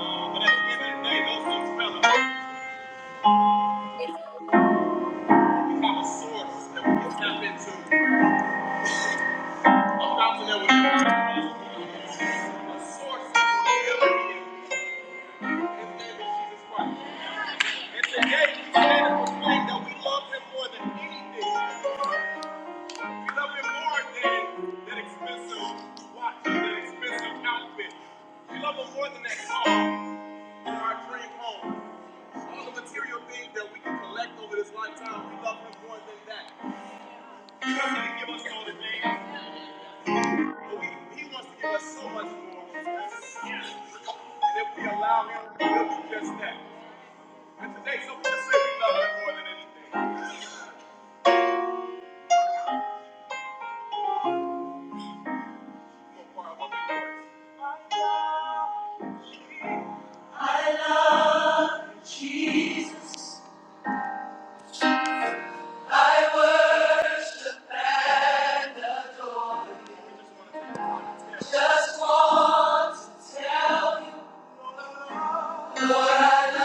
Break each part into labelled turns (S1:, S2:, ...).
S1: But at the end of the day, those six fellas, become a source that we can tap into. A fountain that will never run out. A source that will never end. His name is Jesus Christ. And today we stand and proclaim that we love him more than anything. We love him more than that expensive watch, that expensive outfit. We love him more than that car or our dream home. All the material things that we can collect over this lifetime, we love him more than that. He doesn't give us all the things, but we, he wants to give us so much more. And if we allow him, he'll do just that. And today, some people say we love him more than anything. I love Jesus. I worship and adore him. Just want to tell you, Lord, I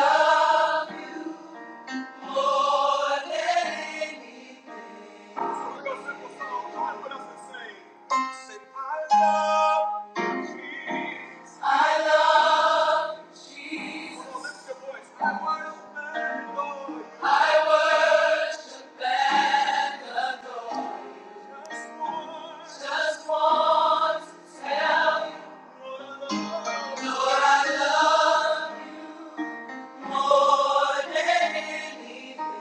S1: love you. More anything. So we're to song. Join with us sing. "I love Jesus." I love Jesus. Come I worship I worship and Just once. Just tell you, Lord, I love more than anything. Well,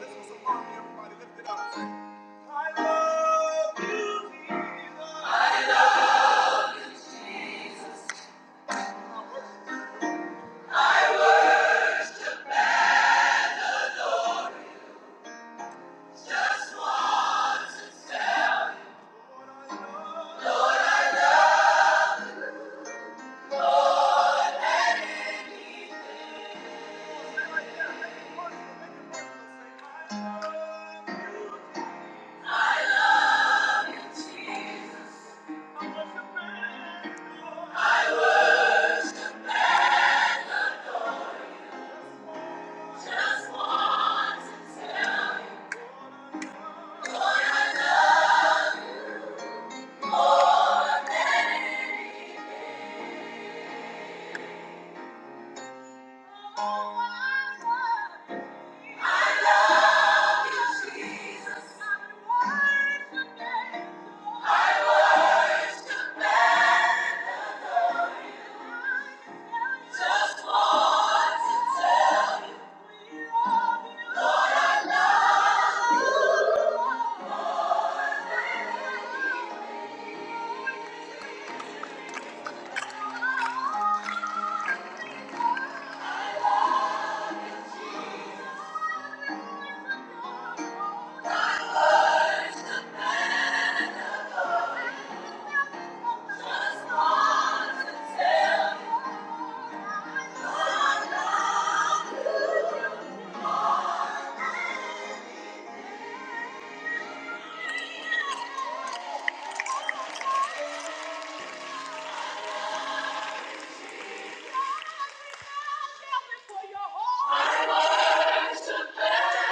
S1: this was a song everybody lifted up. I love you, Jesus. I love you, Jesus. I worship the Lord. Just want to tell you. Lord, than anything. Make it personal, make it personal. Say, I love you, I love you, Jesus. I worship and adore. you. I worship and adore you. Just want to tell you, Lord, I love you more than anything. Oh, I love you. I love you, Jesus. I worship and adore. you. I worship and adore. You. Just want to tell you, Lord, I love you. Just want to tell you, Lord, I love you. For your holy- I worship you.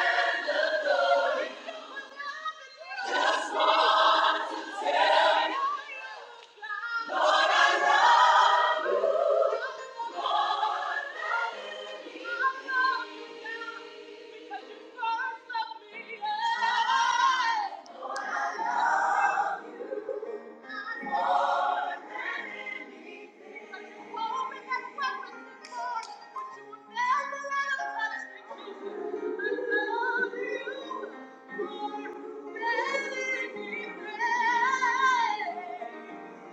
S1: Lord, I love you. Thank you. I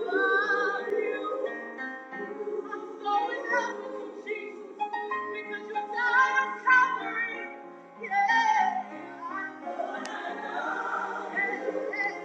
S1: love you. Yeah.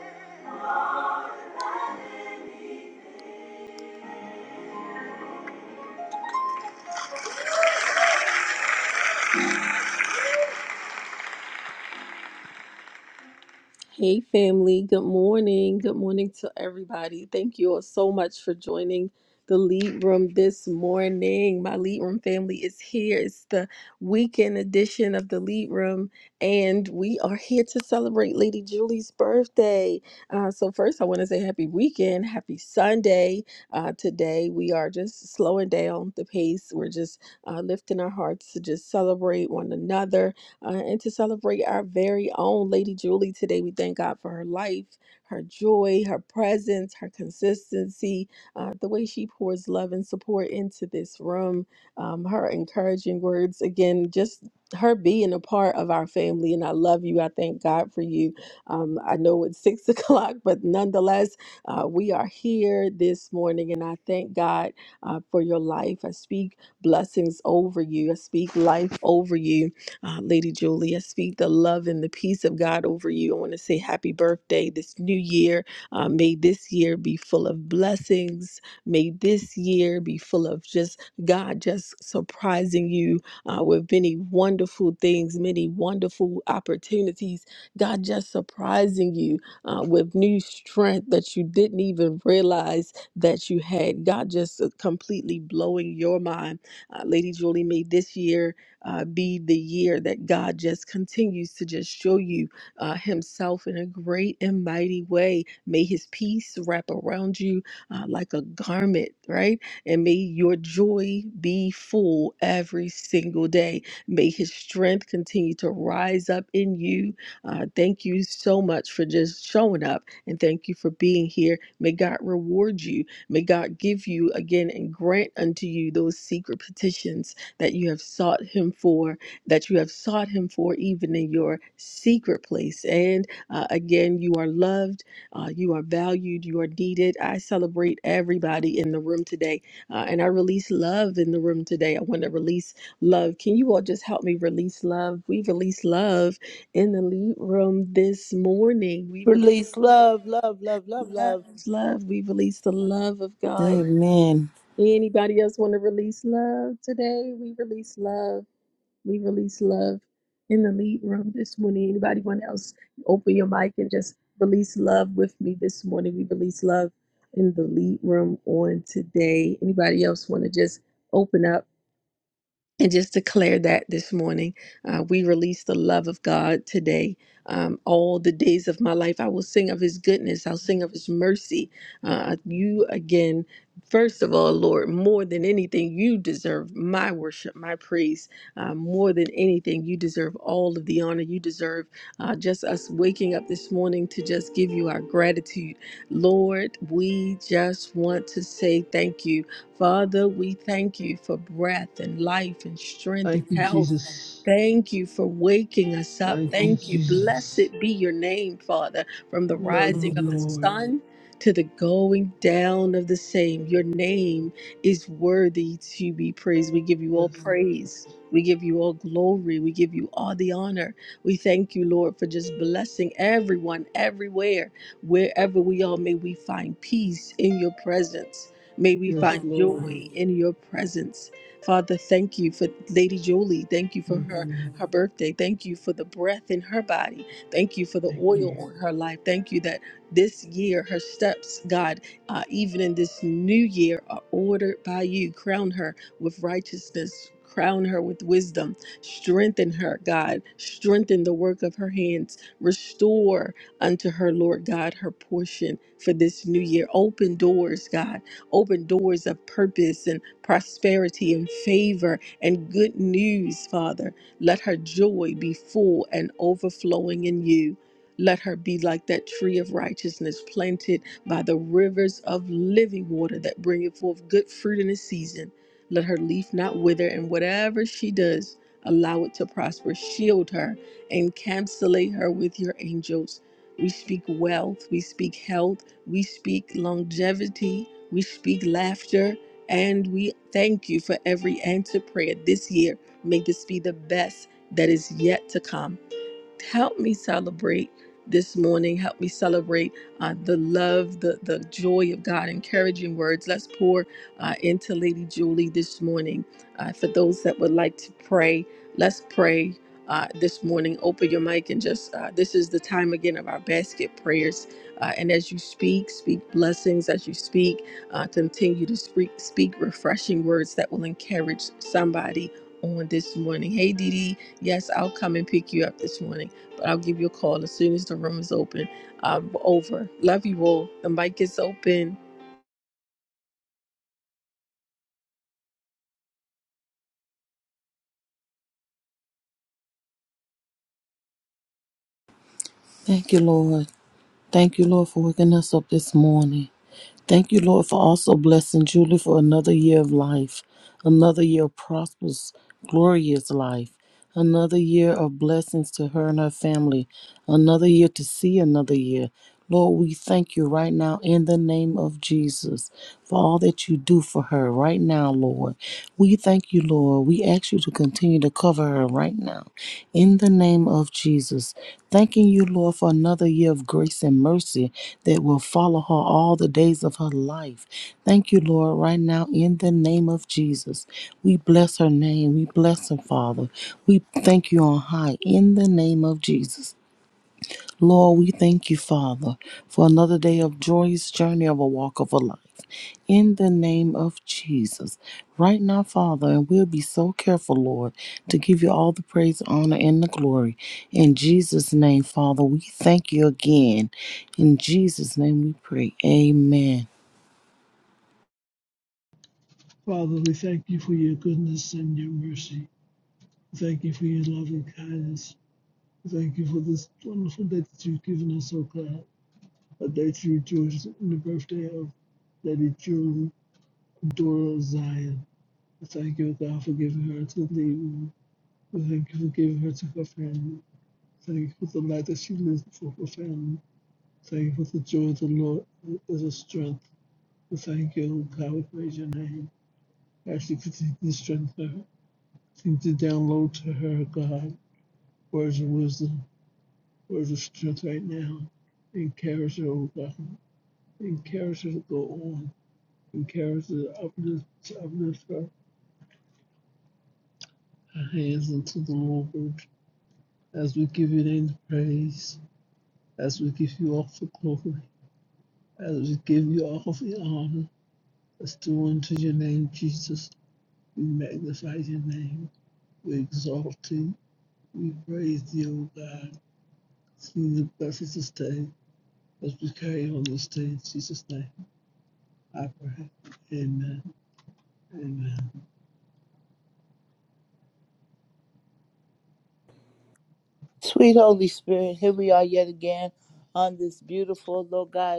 S1: Hey, family. Good morning. Good morning to everybody. Thank you all so much for joining the lead room this morning. My lead room family is here. It's the weekend edition of the lead room, and we are here to celebrate Lady Julie's birthday. Uh, so, first, I want to say happy weekend, happy Sunday. Uh, today, we are just slowing down the pace. We're just uh, lifting our hearts to just celebrate one another uh, and to celebrate our very own Lady Julie today. We thank God for her life, her joy, her presence, her consistency, uh, the way she pours love and support into this room, um, her encouraging words. Again, just her being a part of our family. And I love you. I thank God for you. Um, I know it's six o'clock, but nonetheless, uh, we are here this morning, and I thank God uh, for your life. I speak blessings over you, I speak life over you uh, Lady Julie, I speak the love and the peace of God over you. I want to say happy birthday this new year. Uh, may this year be full of blessings. May this year be full of just God just surprising you uh, with many wonderful things, many wonderful opportunities. God just surprising you uh, with new strength that you didn't even realize that you had. God just uh, completely blowing your mind. Uh, Lady Julie, may this year uh, be the year that God just continues to just show you uh, Himself in a great and mighty way. May His peace wrap around you uh, like a garment, right? And may your joy be full every single day. May His strength continue to rise up in you. Uh, thank you so much for just showing up and thank you for being here. May God reward you. May God give you again and grant unto you those secret petitions that you have sought him for, that you have sought him for even in your secret place. And uh, again, you are loved, uh, you are valued, you are needed. I celebrate everybody in the room today, uh, and I release love in the room today. I want to release love. Can you all just help me release love? We release love in the lead room this morning. We release
S2: Release love, love, love, love,
S1: love,
S2: love.
S1: love. We release the love of God.
S3: Amen.
S1: Anybody else want to release love today? We release love. We release love in the lead room this morning. Anybody want else open your mic and just release love with me this morning? We release love in the lead room on today. Anybody else want to just open up? and just declare that this morning. Uh, we release the love of God today. Um, all the days of my life, I will sing of his goodness. I'll sing of his mercy. Uh, you again, first of all, Lord, more than anything, you deserve my worship, my praise. Uh, more than anything, you deserve all of the honor. You deserve uh, just us waking up this morning to just give you our gratitude. Lord, we just want to say thank you. Father, we thank you for breath and life and strength
S4: Thank
S1: and
S4: you,
S1: health.
S4: Jesus.
S1: Thank you for waking us up.
S4: Thank you,
S1: Thank you. Blessed
S4: Jesus.
S1: be your name, Father, from the
S4: Love you,
S1: rising of the
S4: Lord.
S1: sun to the going down of the same. Your name is worthy to be praised. We give you all
S4: Yes, Lord.
S1: praise. We give you all glory. We give you all the honor. We thank you, Lord, for just blessing everyone, everywhere, wherever we are. May we find peace in your presence. May we
S4: Yes,
S1: find
S4: Lord.
S1: joy in your presence. Father, thank you for Lady Julie. Thank you for
S4: Thank
S1: her
S4: you.
S1: her birthday. Thank you for the breath in her body. Thank you for the
S4: Thank you.
S1: oil on her life. Thank you that this year her steps, God, uh, even in this new year, are ordered by you. Crown her with righteousness. Crown her with wisdom. Strengthen her, God. Strengthen the work of her hands. Restore unto her, Lord God, her portion for this new year. Open doors, God Open doors of purpose and prosperity and favor and good news, Father. Let her joy be full and overflowing in you. Let her be like that tree of righteousness planted by the rivers of living water that bringeth forth good fruit in its season. Let her leaf not wither, and whatever she does, allow it to prosper. Shield her and encapsulate her with your angels. We speak wealth, we speak health, we speak longevity, we speak laughter and we thank you for every answered prayer this year. May this be the best that is yet to come help me celebrate this morning. Help me celebrate uh, the love, the, the joy of God. Encouraging words. Let's pour uh, into Lady Julie this morning. Uh, for those that would like to pray, let's pray. Uh, this morning, open your mic and just uh, this is the time again of our basket prayers. Uh, and as you speak, speak blessings. As you speak, uh, continue to speak, speak refreshing words that will encourage somebody on this morning. Hey, Dee Dee, Yes, I'll come and pick you up this morning, but I'll give you a call as soon as the room is open. Um, over. Love you all. The mic is open.
S3: Thank you, Lord. Thank you, Lord, for waking us up this morning. Thank you, Lord, for also blessing Julie for another year of life, another year of prosperous, glorious life, another year of blessings to her and her family, another year to see another year. Lord, we thank you right now in the name of Jesus for all that you do for her right now, Lord. We thank you, Lord. We ask you to continue to cover her her right now in the name of Jesus. Thanking you, Lord, for another year of grace and mercy that will follow her all the days of her life. Thank you, Lord, right now in the name of Jesus. We bless her name. We bless her, Father. We thank you on high in the name of Jesus. Lord, we thank you, Father, for another day of joyous journey of a walk of a life. In the name of Jesus. Right now, Father, and we'll be so careful, Lord, to give you all the praise, honor, and the glory. In Jesus' name, Father, we thank you again. In Jesus' name we pray. Amen.
S4: Father, we thank you for your goodness and your mercy. Thank you for your loving kindness. Thank you for this wonderful day that you've given us, O God. A day to rejoice in the birthday of Lady June, daughter of Zion. We thank you, O God, for giving her to the We thank you for giving her to her family. Thank you for the light that she lives for her family. Thank you for the joy of the Lord is a strength. We thank you, God, we praise your name. As you continue to strengthen her, continue to download to her, God, words of wisdom, words of strength right now. Encourage her, oh God. Encourage her to go on. Encourage her to uplift, to uplift her, her hands unto the Lord. As we give your name the praise, as we give you all the glory, as we give you all the honor. Let's do unto your name, Jesus. We magnify your name. We exalt you. We praise you, O God. Sing the blessings this day as we carry on this day in Jesus' name. I pray. Amen. Amen.
S2: Sweet Holy Spirit, here we are yet again on this beautiful, Lord God.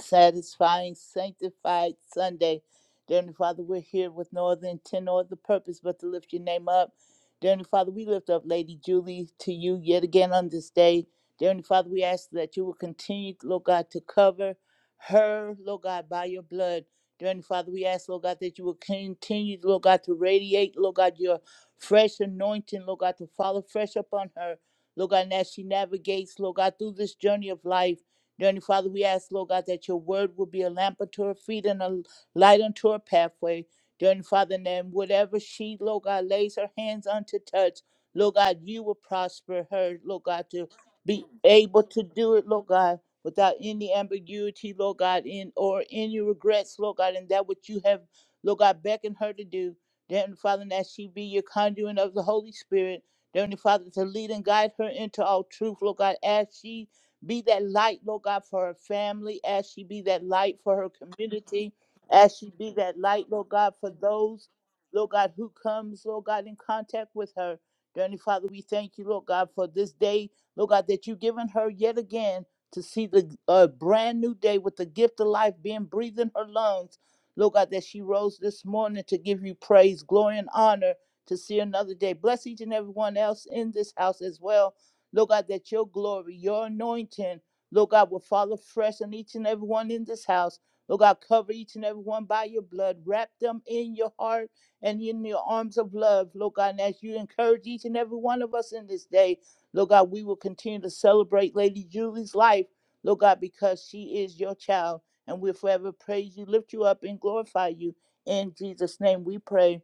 S2: satisfying, sanctified Sunday. Dear Heavenly Father, we're here with no other intent no other purpose but to lift your name up. Dear Heavenly Father, we lift up Lady Julie to you yet again on this day. Dear Heavenly Father, we ask that you will continue, Lord God, to cover her, Lord God, by your blood. Dear Heavenly Father, we ask, Lord God, that you will continue, Lord God, to radiate, Lord God, your fresh anointing, Lord God, to follow fresh upon her. Lord God, and as she navigates, Lord God, through this journey of life. Dear Heavenly Father, we ask, Lord God, that your word will be a lamp unto her feet and a light unto her pathway. Dear Heavenly Father, then whatever she, Lord God, lays her hands unto touch, Lord God, you will prosper her, Lord God, to be able to do it, Lord God, without any ambiguity, Lord God, in or any regrets, Lord God, in that which you have, Lord God, beckoned her to do. Dear Heavenly Father, and that she be your conduit of the Holy Spirit. Dear Heavenly Father, to lead and guide her into all truth, Lord God, as she be that light, Lord God, for her family, as she be that light for her community, as she be that light, Lord God, for those, Lord God, who comes, Lord God, in contact with her. Dearly Father, we thank you, Lord God, for this day, Lord God, that you've given her yet again to see the uh, brand new day with the gift of life being breathed in her lungs. Lord God, that she rose this morning to give you praise, glory, and honor to see another day. Bless each and every one else in this house as well Lord God, that your glory, your anointing, Lord God, will fall afresh on each and every one in this house. Lord God, cover each and every one by your blood. Wrap them in your heart and in your arms of love, Lord God. And as you encourage each and every one of us in this day, Lord God, we will continue to celebrate Lady Julie's life, Lord God, because she is your child. And we'll forever praise you, lift you up, and glorify you. In Jesus' name we pray.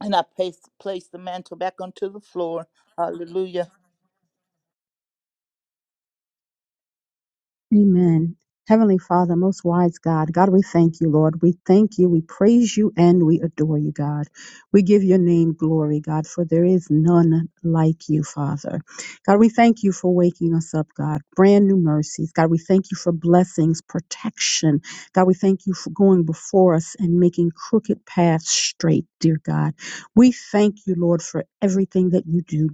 S2: And I place, place the mantle back onto the floor. Hallelujah.
S5: Amen. Heavenly Father, most wise God, God, we thank you, Lord. We thank you, we praise you, and we adore you, God. We give your name glory, God, for there is none like you, Father. God, we thank you for waking us up, God. Brand new mercies. God, we thank you for blessings, protection. God, we thank you for going before us and making crooked paths straight, dear God. We thank you, Lord, for everything that you do.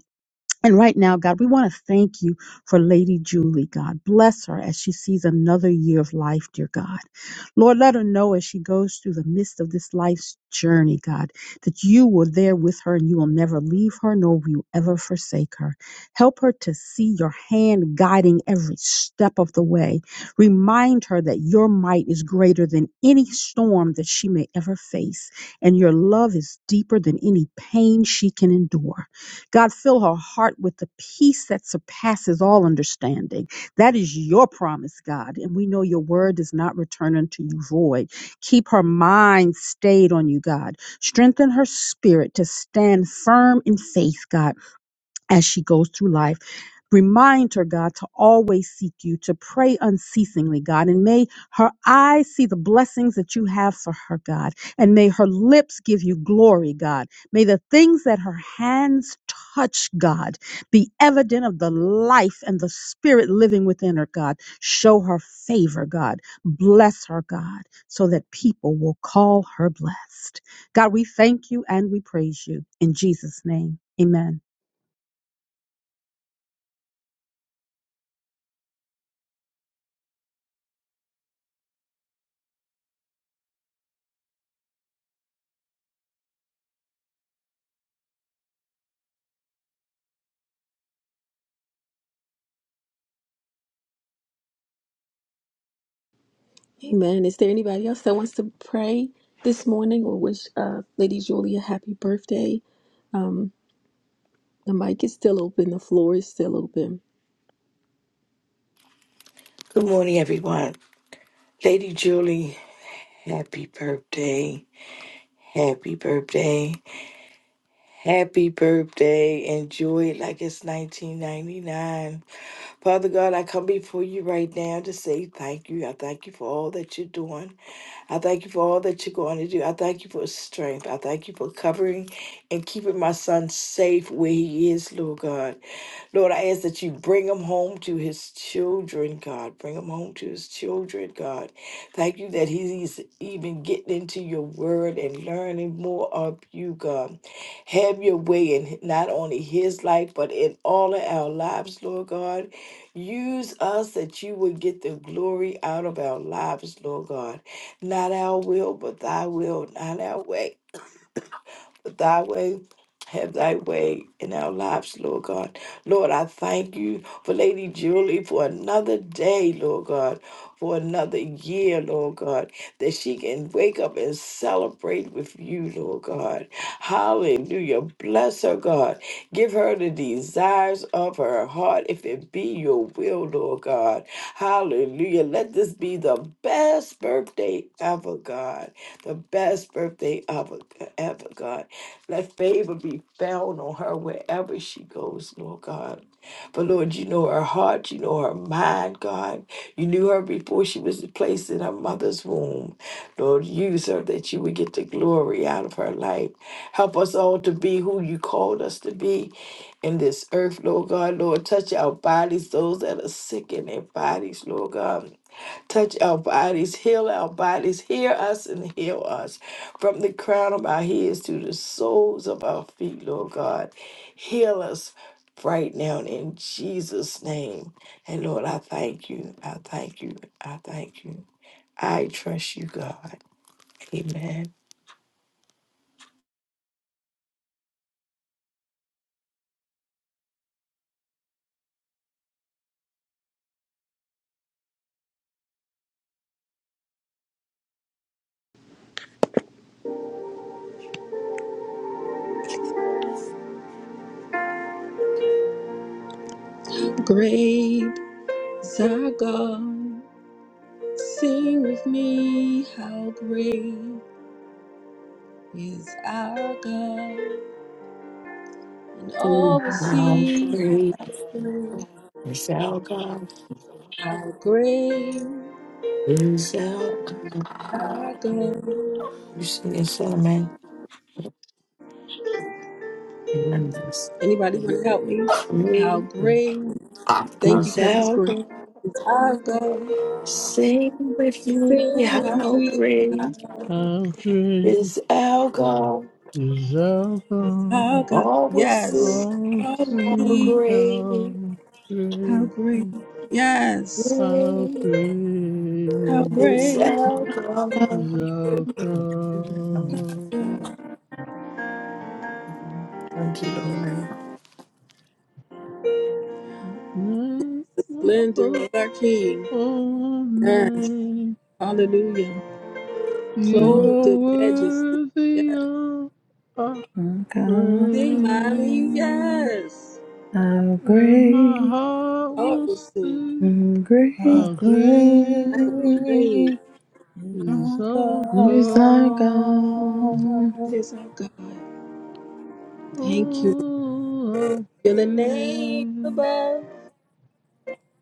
S5: And right now, God, we want to thank you for Lady Julie, God. Bless her as she sees another year of life, dear God. Lord, let her know as she goes through the midst of this life's journey, God, that you were there with her and you will never leave her, nor will you ever forsake her. Help her to see your hand guiding every step of the way. Remind her that your might is greater than any storm that she may ever face, and your love is deeper than any pain she can endure. God, fill her heart with the peace that surpasses all understanding. That is your promise, God. And we know your word does not return unto you void. Keep her mind stayed on you, God. Strengthen her spirit to stand firm in faith, God as she goes through life. Remind her, God, to always seek you, to pray unceasingly, God, and may her eyes see the blessings that you have for her, God, and may her lips give you glory, God. May the things that her hands touch, God, be evident of the life and the spirit living within her, God. Show her favor, God. Bless her, God, so that people will call her blessed. God, we thank you and we praise you. In Jesus' name, amen.
S1: Amen. Is there anybody else that wants to pray this morning or wish uh, Lady Julia happy birthday? Um, the mic is still open. The floor is still open.
S6: Good morning, everyone. Lady Julie, happy birthday. Happy birthday. Happy birthday. Enjoy it like it's 1999. Father God, I come before you right now to say thank you. I thank you for all that you're doing. I thank you for all that you're going to do. I thank you for strength. I thank you for covering and keeping my son safe where he is, Lord God. Lord, I ask that you bring him home to his children, God. Bring him home to his children, God. Thank you that he's even getting into your word and learning more of you, God. Have your way in not only his life, but in all of our lives, Lord God. Use us that you would get the glory out of our lives, Lord God. Not our will, but thy will, not our way thy way. Have thy way in our lives, Lord God. Lord, I thank you for Lady Julie for another day, Lord God, for another year, Lord God, that she can wake up and celebrate with you, Lord God. Hallelujah. Bless her, God. Give her the desires of her heart, if it be your will, Lord God. Hallelujah. Let this be the best birthday ever, God. The best birthday ever, ever, God. Let favor be found on her wherever she goes, Lord God. But Lord, you know her heart, you know her mind, God. You knew her before she was placed in her mother's womb. Lord, use her that you would get the glory out of her life. Help us all to be who you called us to be in this earth, Lord God. Lord, touch our bodies, those that are sick in their bodies, Lord God. Touch our bodies, heal our bodies, hear us and heal us from the crown of our heads to the soles of our feet, Lord God. Heal us right now in Jesus' name. And Lord, I thank you. I thank you. I thank you. I trust you, God. Amen.
S1: Great is our God. Sing with me. How great is our God. And all will
S6: How
S1: see
S6: great
S1: how great.
S6: is our God?
S1: How great.
S6: Is our God? You sing it, Solomon. Remember this.
S1: Anybody want to help me? How
S6: Great
S1: great. Thank you,
S6: is
S1: Cousin
S6: our
S1: Spring.
S6: God.
S1: Our go
S6: Sing with me
S1: Sing with
S6: how
S1: me.
S6: great
S4: How great
S6: is our God.
S4: is our
S1: How
S4: God.
S1: go
S6: All will
S1: Yes.
S6: sing
S4: Oh,
S1: How
S6: how
S4: see
S1: great.
S4: how
S6: great,
S1: How
S4: great,
S1: great. Yes.
S4: how
S6: great
S1: How
S6: is
S4: great
S1: great.
S6: our
S4: is
S6: God.
S4: our God.
S1: The
S6: Thank you, Lord.
S4: Name
S1: splendor of our King.
S4: Oh,
S1: Yes.
S4: man,
S1: Hallelujah.
S4: you
S3: Mhm,
S1: Clothed
S4: are
S1: in majesty.
S4: worthy
S1: Yes.
S4: of our
S3: God,
S4: praise,
S1: Sing, mommy. Yes.
S3: how
S4: and my
S3: great
S4: heart
S1: Heart
S4: will
S1: will sing.
S4: sing.
S3: and great
S2: How
S4: How
S2: great
S1: How
S4: great
S1: great.
S2: is
S4: is
S2: our
S4: our
S3: Praise our
S4: God?
S3: God.
S2: God.
S1: It is our God. Thank you.
S4: Oh, how
S1: You're the name
S4: great,
S1: above,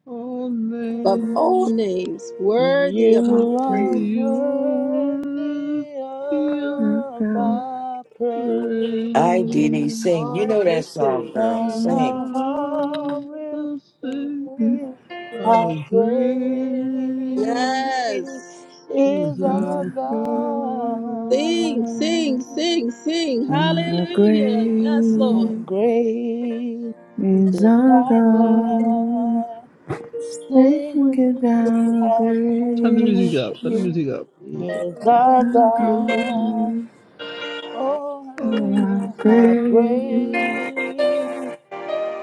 S4: oh,
S1: above all
S4: name,
S1: names, worthy of
S3: What
S1: our
S2: You
S3: is
S2: are
S1: praise.
S4: you are
S2: worthy
S4: worthy
S3: our
S4: of
S2: of
S3: God.
S4: our
S2: our praise,
S6: I did a sing.
S4: praise.
S6: You know
S1: Heart will
S6: that song,
S1: sing.
S6: girl.
S2: and
S4: In my
S6: Sing
S2: our heart
S4: heart,
S2: will
S4: I sing
S2: praise. How
S4: how
S2: great
S4: great
S1: Yes.
S4: is
S2: is
S3: Mm,
S2: our
S4: our
S1: Sing,
S4: God.
S1: sing,
S2: God!
S1: sing, sing.
S3: How
S1: Hallelujah. Yes,
S2: How
S3: great
S1: Lord.
S4: Great
S2: great!
S4: is
S3: is
S2: Is
S3: our
S4: our
S2: thy
S4: God.
S3: God?
S2: God. Sing
S3: Sing
S2: with
S3: it
S2: me,
S3: down,
S2: how
S4: Turn the
S3: great.
S4: music up, turn the
S2: great
S4: music up. Is
S2: is thy
S4: our
S3: Our
S4: God.
S2: God.
S3: God,
S2: Oh, I
S4: Oh,
S3: how
S2: sing,
S4: is
S2: how
S4: our
S3: great,
S4: great.
S2: great,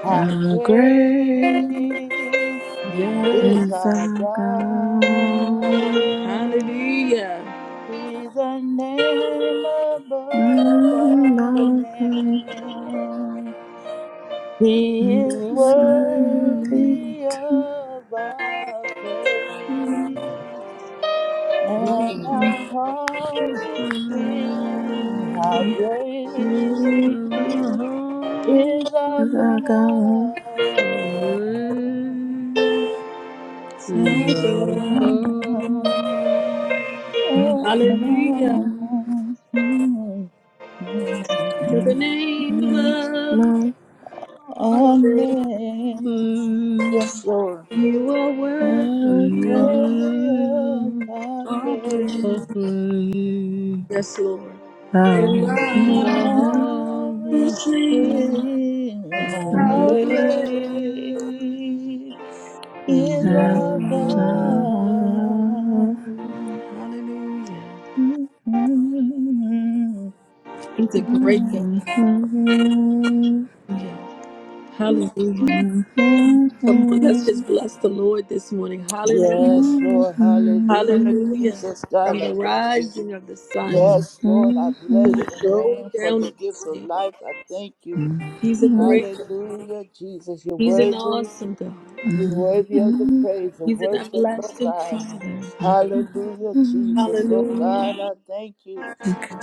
S2: how
S3: how great
S2: great
S1: Yes.
S2: is
S3: is
S2: our
S3: our God.
S2: God.
S4: my,
S1: Hallelujah.
S2: He's a name above
S3: Mm,
S2: all
S3: our God
S2: names. He is
S3: is worthy
S4: Holy
S2: worthy
S3: to
S2: of our praise, and
S1: Mm.
S2: our heart will sing
S4: Spirit.
S2: how
S3: be
S2: great is our
S3: is
S2: God.
S3: our God.
S1: Thank you.
S2: Oh,
S3: Mm,
S1: Hallelujah.
S2: oh,
S3: mm,
S2: mm,
S1: To the
S3: mm,
S1: name
S3: mm,
S1: above
S3: Lord,
S1: all names,
S2: Amen. Yes, Lord.
S1: you are worthy
S3: worthy
S1: of
S2: Worthy of our
S1: our
S2: praise.
S1: praise. Yes, Lord. And
S3: Thank
S1: my
S3: you,
S2: My
S1: heart
S3: Jesus.
S2: heart
S1: will
S2: will
S1: sing
S2: sing how
S1: how great
S2: great is
S1: thou
S2: our
S1: art.
S2: God.
S1: Hallelujah.
S2: Mhm.
S1: He's a great
S2: Mhm.
S1: God. Hallelujah. Hallelujah. Come on, let's just bless the Lord this morning. Hallelujah.
S2: Yes, Lord, hallelujah,
S1: Hallelujah.
S2: Jesus, God,
S1: From
S2: I
S1: the
S2: thank you.
S1: rising of the sun
S2: Yes, Lord, I
S1: to
S2: bless
S1: the
S2: your
S1: going
S2: name for
S1: down
S2: the
S1: of the
S2: gift of
S1: same.
S2: life. I thank you.
S1: He's a great God.
S2: Hallelujah, Jesus, you're
S1: He's an
S2: worthy.
S1: awesome God.
S2: You're worthy of the praise, the
S1: He's an
S2: worship, Lord
S1: everlasting
S2: God.
S1: Father.
S2: Hallelujah, Jesus. Lord God,
S1: Hallelujah.
S2: I thank you,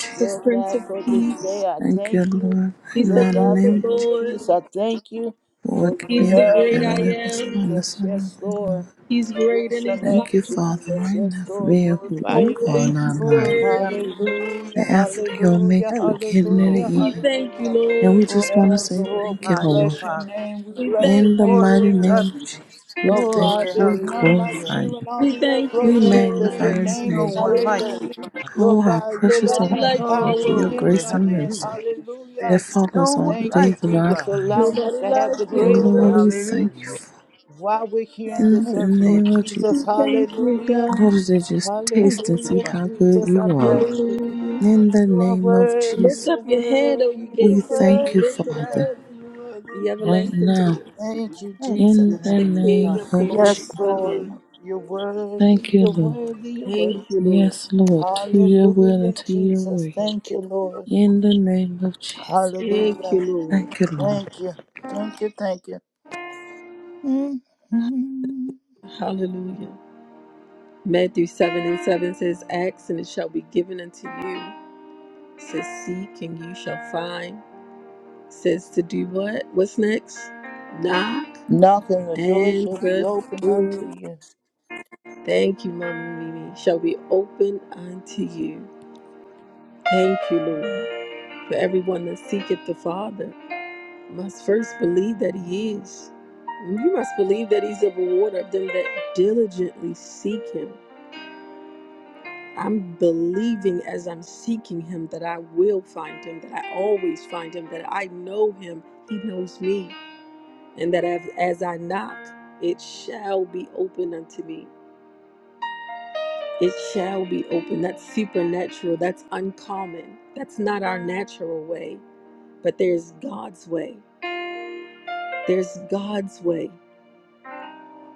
S1: He's the
S2: Lord
S1: Prince
S2: God,
S1: of
S2: for this day.
S1: Peace.
S2: I
S3: Thank you,
S2: thank you,
S3: Lord. Right
S1: He's
S3: now,
S2: Lord
S1: the
S3: in the
S2: God,
S1: Lord
S3: name
S2: for
S1: of
S3: of
S2: your
S3: Jesus,
S1: Lords.
S2: peace. I thank you
S3: for
S2: for
S3: waking
S2: your
S3: me
S1: He's the
S2: love,
S1: great
S3: and
S1: I
S3: my family
S2: Lord
S3: up and starting
S1: am.
S3: us
S2: Jesus.
S3: on our
S2: Yes,
S3: good
S2: Lord.
S3: Lord.
S1: He's great
S2: Bless
S1: and he's
S2: your
S3: Thank
S2: name,
S3: you,
S1: mighty.
S3: Father,
S2: Jesus.
S3: right
S2: Yes,
S3: now for
S2: Lord.
S3: being
S1: He's
S3: who
S2: Glorify
S3: you
S2: your
S3: are
S1: holy.
S2: name.
S3: in our
S1: He's
S7: Glory,
S3: lives.
S1: worthy.
S7: hallelujah.
S3: The
S2: Hallelujah,
S3: Alpha, the Omega,
S2: hallelujah,
S3: the
S7: Thank you,
S3: beginning and the
S7: Lord.
S2: hallelujah,
S3: end.
S1: We thank you,
S2: hallelujah.
S3: And we
S1: Lord.
S7: Lord,
S3: just want
S7: we
S3: to
S2: Yes,
S3: say
S2: Lord,
S3: thank
S2: we
S3: you,
S7: glorify you,
S3: Lord.
S2: bless your
S7: Father.
S2: name. We
S1: We
S2: bless
S1: thank
S2: your
S3: In the
S1: you,
S2: name,
S7: Lord,
S3: mighty
S7: we
S1: Lord.
S7: love
S2: Jesus.
S3: name of
S7: you.
S3: Jesus, we
S2: Lord
S3: thank you.
S2: God,
S7: Glory,
S3: We
S2: there's none like
S7: hallelujah.
S3: glorify
S2: you in
S3: you.
S2: all
S1: We
S2: the earth,
S1: thank
S2: Lord
S1: you,
S3: We
S2: Jesus.
S3: magnify
S2: Your
S7: There
S1: Lord.
S3: your
S7: is
S2: name
S7: no
S2: is
S3: name.
S7: one like
S2: greater.
S7: you,
S1: Hallelujah.
S7: Father.
S3: Oh,
S2: Lord
S3: how
S2: God, you
S3: precious
S2: are-
S1: Nobody
S3: on high
S2: have
S1: like you,
S7: Oh,
S3: Lord, for
S2: power
S3: your
S1: Lord.
S2: in
S7: glory,
S3: grace
S2: your
S3: and
S2: hands.
S7: hallelujah.
S3: mercy
S2: Hallelujah.
S3: that
S7: There is no
S3: follows all the
S7: one
S2: Thank you,
S7: like
S3: days of
S7: you,
S3: our
S2: Jesus,
S7: Father.
S2: for
S3: life.
S2: allowing us
S1: Nobody
S2: to have the
S1: like you,
S3: And
S7: Glory,
S2: greater
S3: Lord,
S1: Lord.
S2: works
S3: we
S2: to do
S3: thank you
S7: hallelujah.
S3: for
S2: while we're here in
S3: in
S2: this
S7: Thank
S3: the
S2: earth,
S7: you.
S2: Lord
S3: name of Jesus.
S2: Jesus.
S1: We thank you,
S2: Hallelujah.
S3: Lord,
S1: God.
S3: they just
S7: Thank
S3: taste and
S7: you,
S3: see
S2: Hallelujah,
S7: Father.
S3: how good
S2: Jesus. I
S3: you are.
S2: bless you.
S1: Hallelujah.
S3: In the
S2: You are
S3: name of
S2: worthy,
S1: Lift
S3: Jesus,
S2: you're
S1: up your head, O ye
S2: worthy, you're
S3: we
S1: gates, and be
S3: thank you,
S2: worthy,
S1: lifted
S2: you're
S1: up,
S3: Father,
S2: worthy, you're worthy.
S1: the
S3: right
S1: everlasting
S3: now.
S1: gates.
S2: Thank you,
S7: Thank you,
S3: In
S2: Jesus.
S3: the
S1: The
S7: Heavenly
S1: King
S3: name
S7: Father.
S1: of
S3: of Jesus.
S1: glory
S2: Yes,
S1: come
S2: Lord.
S1: in.
S2: You're worthy.
S3: Thank you,
S2: You're
S3: Lord.
S2: worthy. You're
S1: Thank
S2: worthy.
S1: you, Lord.
S3: Yes, Lord, to your will
S2: Hallelujah,
S3: and to your
S2: Jesus.
S3: way.
S2: Thank you, Lord.
S3: In the name of Jesus.
S1: Thank you,
S2: Hallelujah.
S1: Lord.
S3: Thank you, Lord.
S2: Thank you. Thank you. Thank you. hmm
S1: Hallelujah. Matthew 7 and 7 says, Ask and it shall be given unto you. Says, Seek and you shall find. Says, To do what? What's next? Knock
S2: Knocking the door
S1: and
S2: shall be
S1: the
S2: open unto
S1: door.
S2: you.
S1: Thank you, Mama Mimi. Shall be open unto you. Thank you, Lord. For everyone that seeketh the Father must first believe that He is. You must believe that He's a rewarder of them that diligently seek Him. I'm believing as I'm seeking him that I will find him, that I always find him, that I know him, he knows me, and that as, as I knock, it shall be open unto me. It shall be open. That's supernatural. That's uncommon. That's not our natural way, but there's God's way. There's God's way.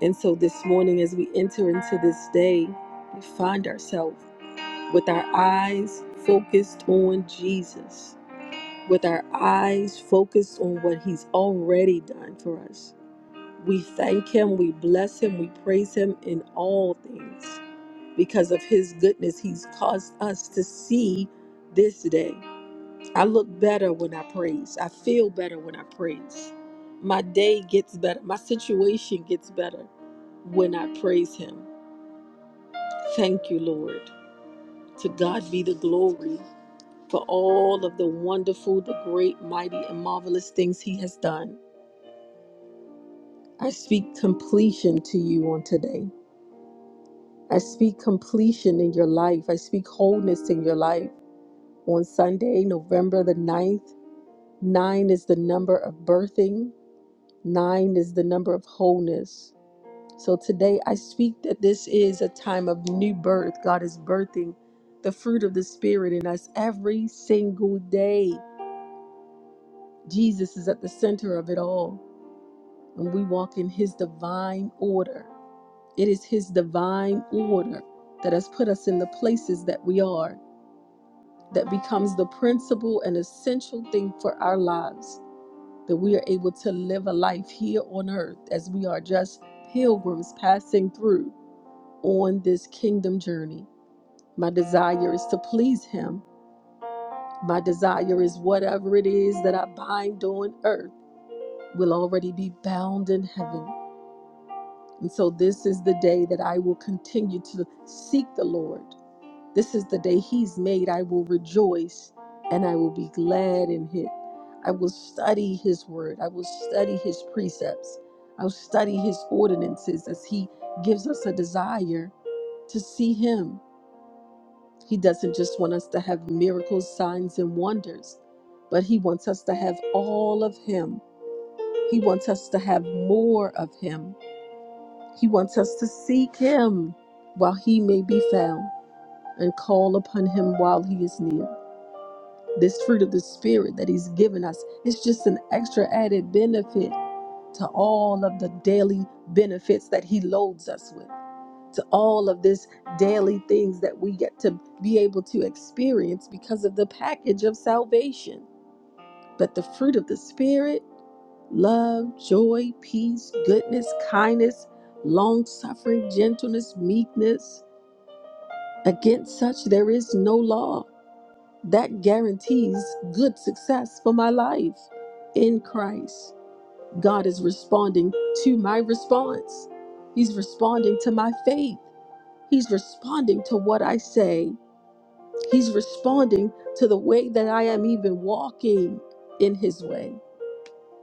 S1: And so this morning, as we enter into this day, we find ourselves with our eyes focused on Jesus with our eyes focused on what He's already done for us. We thank Him, we bless Him, we praise Him in all things. Because of His goodness, He's caused us to see this day. I look better when I praise, I feel better when I praise. My day gets better, my situation gets better when I praise Him. Thank you, Lord. To God be the glory for all of the wonderful, the great, mighty, and marvelous things He has done. I speak completion to you on today. I speak completion in your life. I speak wholeness in your life. On Sunday, November the ninth, nine is the number of birthing, nine is the number of wholeness. So today, I speak that this is a time of new birth. God is birthing the fruit of the Spirit in us every single day. Jesus is at the center of it all, and we walk in His divine order. It is His divine order that has put us in the places that we are, that becomes the principal and essential thing for our lives, that we are able to live a life here on earth as we are just pilgrims passing through on this kingdom journey. My desire is to please Him. My desire is whatever it is that I bind on earth will already be bound in heaven. And so this is the day that I will continue to seek the Lord This is the day he's made. I will rejoice and I will be glad in it. I will study his word. I will study his precepts. I'll study his ordinances as he gives us a desire to see him. He doesn't just want us to have miracles, signs, and wonders, but he wants us to have all of him. He wants us to have more of him. He wants us to seek him while he may be found and call upon him while he is near. this fruit of the spirit that he's given us it's just an extra added benefit to all of the daily benefits that he loads us with to all of this daily things that we get to be able to experience because of the package of salvation but the fruit of the spirit love joy peace goodness kindness long suffering gentleness meekness against such there is no law that guarantees good success for my life in Christ. God is responding to my response. He's responding to my faith. He's responding to what I say. He's responding to the way that I am even walking in His way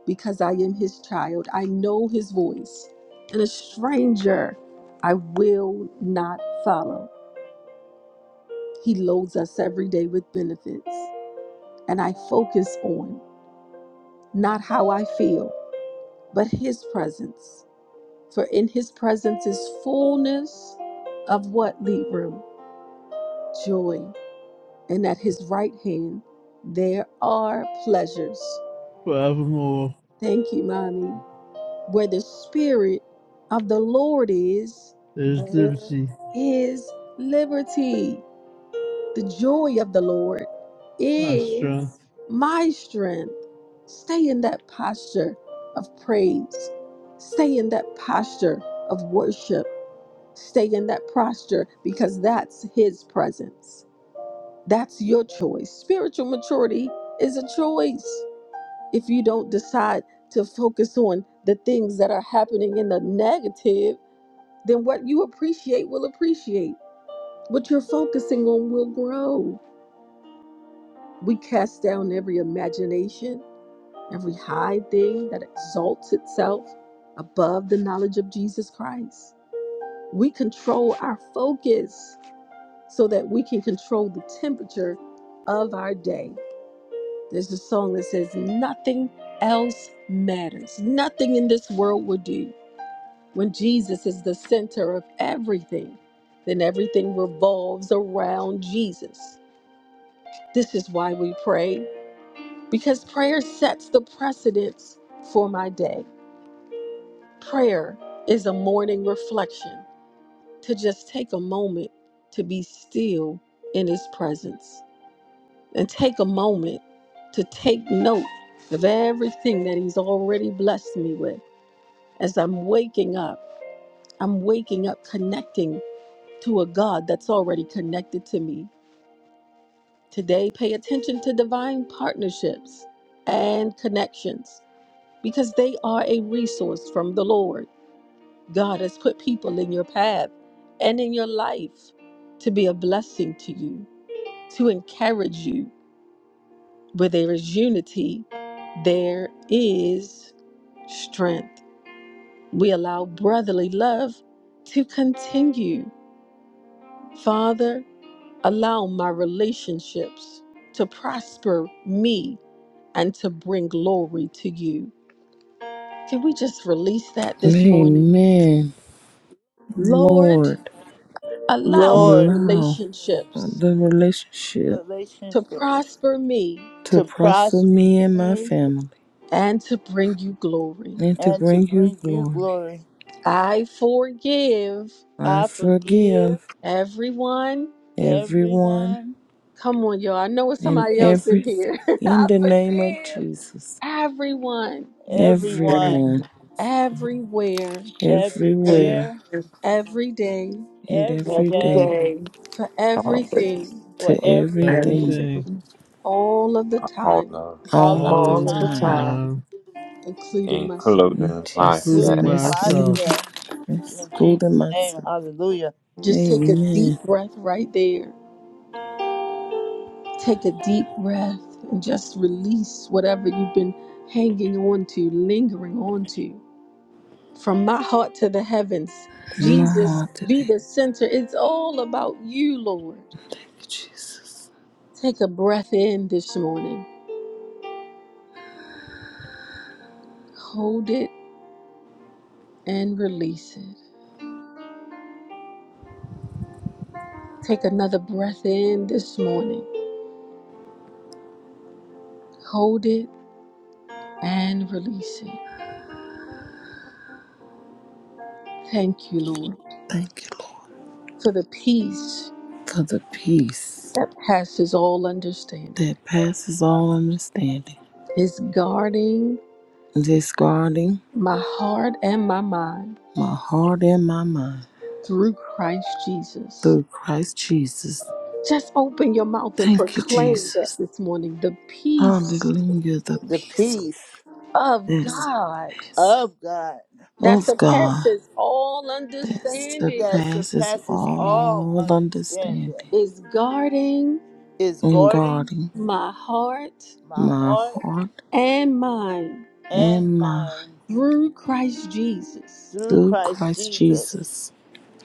S1: because I am His child. I know His voice. And a stranger I will not follow. He loads us every day with benefits. And I focus on not how I feel, but His presence. For in His presence is fullness of what, Libram? Joy. And at His right hand, there are pleasures.
S4: Forevermore
S1: Thank you, Mommy. Where the Spirit of the Lord is,
S4: is
S1: there
S4: liberty,
S1: is liberty. The joy of the Lord
S4: my
S1: is
S4: strength,
S1: my strength. Stay in that posture of praise. Stay in that posture of worship. Stay in that posture because that's His presence. That's your choice. Spiritual maturity is a choice. If you don't decide to focus on the things that are happening in the negative, then what you appreciate will appreciate. What you're focusing on will grow. We cast down every imagination, every high thing that exalts itself above the knowledge of Jesus Christ. We control our focus so that we can control the temperature of our day. There's a song that says, Nothing else matters. Nothing in this world will do. When Jesus is the center of everything, then everything revolves around Jesus. This is why we pray. because prayer sets the precedence for my day. Prayer is a morning reflection to just take a moment to be still in His presence and take a moment to take note of everything that He's already blessed me with. As I'm waking up, I'm waking up connecting to a God that's already connected to me. Today, pay attention to divine partnerships and connections because they are a resource from the Lord. God has put people in your path and in your life to be a blessing to you, to encourage you. Where there is unity, there is strength. We allow brotherly love to continue. Father, allow my relationships to prosper me and to bring glory to you. Can we just release that this morning?
S3: Amen.
S1: Lord,
S3: Lord,
S1: Allow my
S2: Lord,
S3: allow
S1: relationships
S3: the relationship
S1: to
S2: relationships
S1: prosper me
S3: to
S2: to
S3: prosper
S2: prosper
S3: me and my
S2: me
S3: family
S1: and to bring you glory.
S3: and to
S2: and to
S3: bring you
S2: bring you
S3: glory.
S2: glory.
S1: I forgive
S3: I
S2: I forgive
S3: forgive
S1: everyone.
S3: everyone
S2: everyone,
S1: Come on, y'all. I know it's
S3: and
S1: somebody else in
S3: everything
S1: here.
S3: in
S1: I
S3: the name of
S1: forgive
S3: Jesus.
S1: everyone,
S6: every
S2: everyone,
S3: Everyone,
S1: everywhere,
S6: every
S3: everywhere,
S2: everywhere,
S1: every day,
S3: and
S8: birthday
S2: every
S3: every
S6: every
S2: day.
S3: day
S6: day,
S1: for
S6: all the
S1: everything,
S2: for
S3: to everything
S2: everything,
S4: everything.
S6: everything,
S1: all of the
S9: all
S1: time,
S9: of
S2: all
S8: tomorrow.
S3: all
S9: and
S2: of
S3: of
S2: the
S9: time,
S3: the
S4: all
S6: all of the
S4: the
S3: time
S2: time,
S6: time.
S4: time,
S1: including myself.
S3: In
S9: including
S3: Jesus'
S4: including
S9: myself.
S2: including
S3: nice
S4: myself.
S3: name,
S2: myself.
S3: let's
S2: In
S3: go to
S2: Jesus' name,
S3: matter.
S2: hallelujah.
S1: Just take a deep
S3: Amen.
S1: breath right there Take a deep breath and just release whatever you've been hanging on to, lingering on to. From my heart to the heavens,
S3: My
S1: Jesus,
S3: heart
S1: be
S3: today.
S1: the center. It's all about you, Lord.
S3: Thank you, Jesus.
S1: Take a breath in this morning, hold it and release it. Take another breath in this morning, hold it and release it. Thank you, Lord,
S3: Thank you, Lord,
S1: for the peace
S3: for the peace
S1: that passes all understanding
S3: that passes all understanding,
S1: is guarding
S3: that's guarding
S1: my heart and my mind
S3: my heart and my mind
S1: through Christ Jesus.
S3: through Christ Jesus.
S1: Just open your mouth and
S3: Thank you,
S1: proclaim that
S3: Jesus.
S1: this morning the peace
S3: Hallelujah. The
S2: The
S3: peace
S2: peace
S1: of
S3: that
S1: God
S3: surpasses
S2: of God
S1: that
S3: of God
S1: surpasses all
S3: that
S1: understanding
S2: that
S3: surpasses
S2: surpasses all
S3: all understanding
S2: understanding
S1: is guarding
S2: is
S3: and
S2: guarding
S3: guarding.
S1: my heart
S2: my
S3: my
S2: heart
S3: heart
S1: and mind
S2: and
S3: and mind
S2: mind
S1: through Christ Jesus.
S2: through
S3: through
S2: Christ
S3: Christ
S2: Jesus.
S3: Jesus.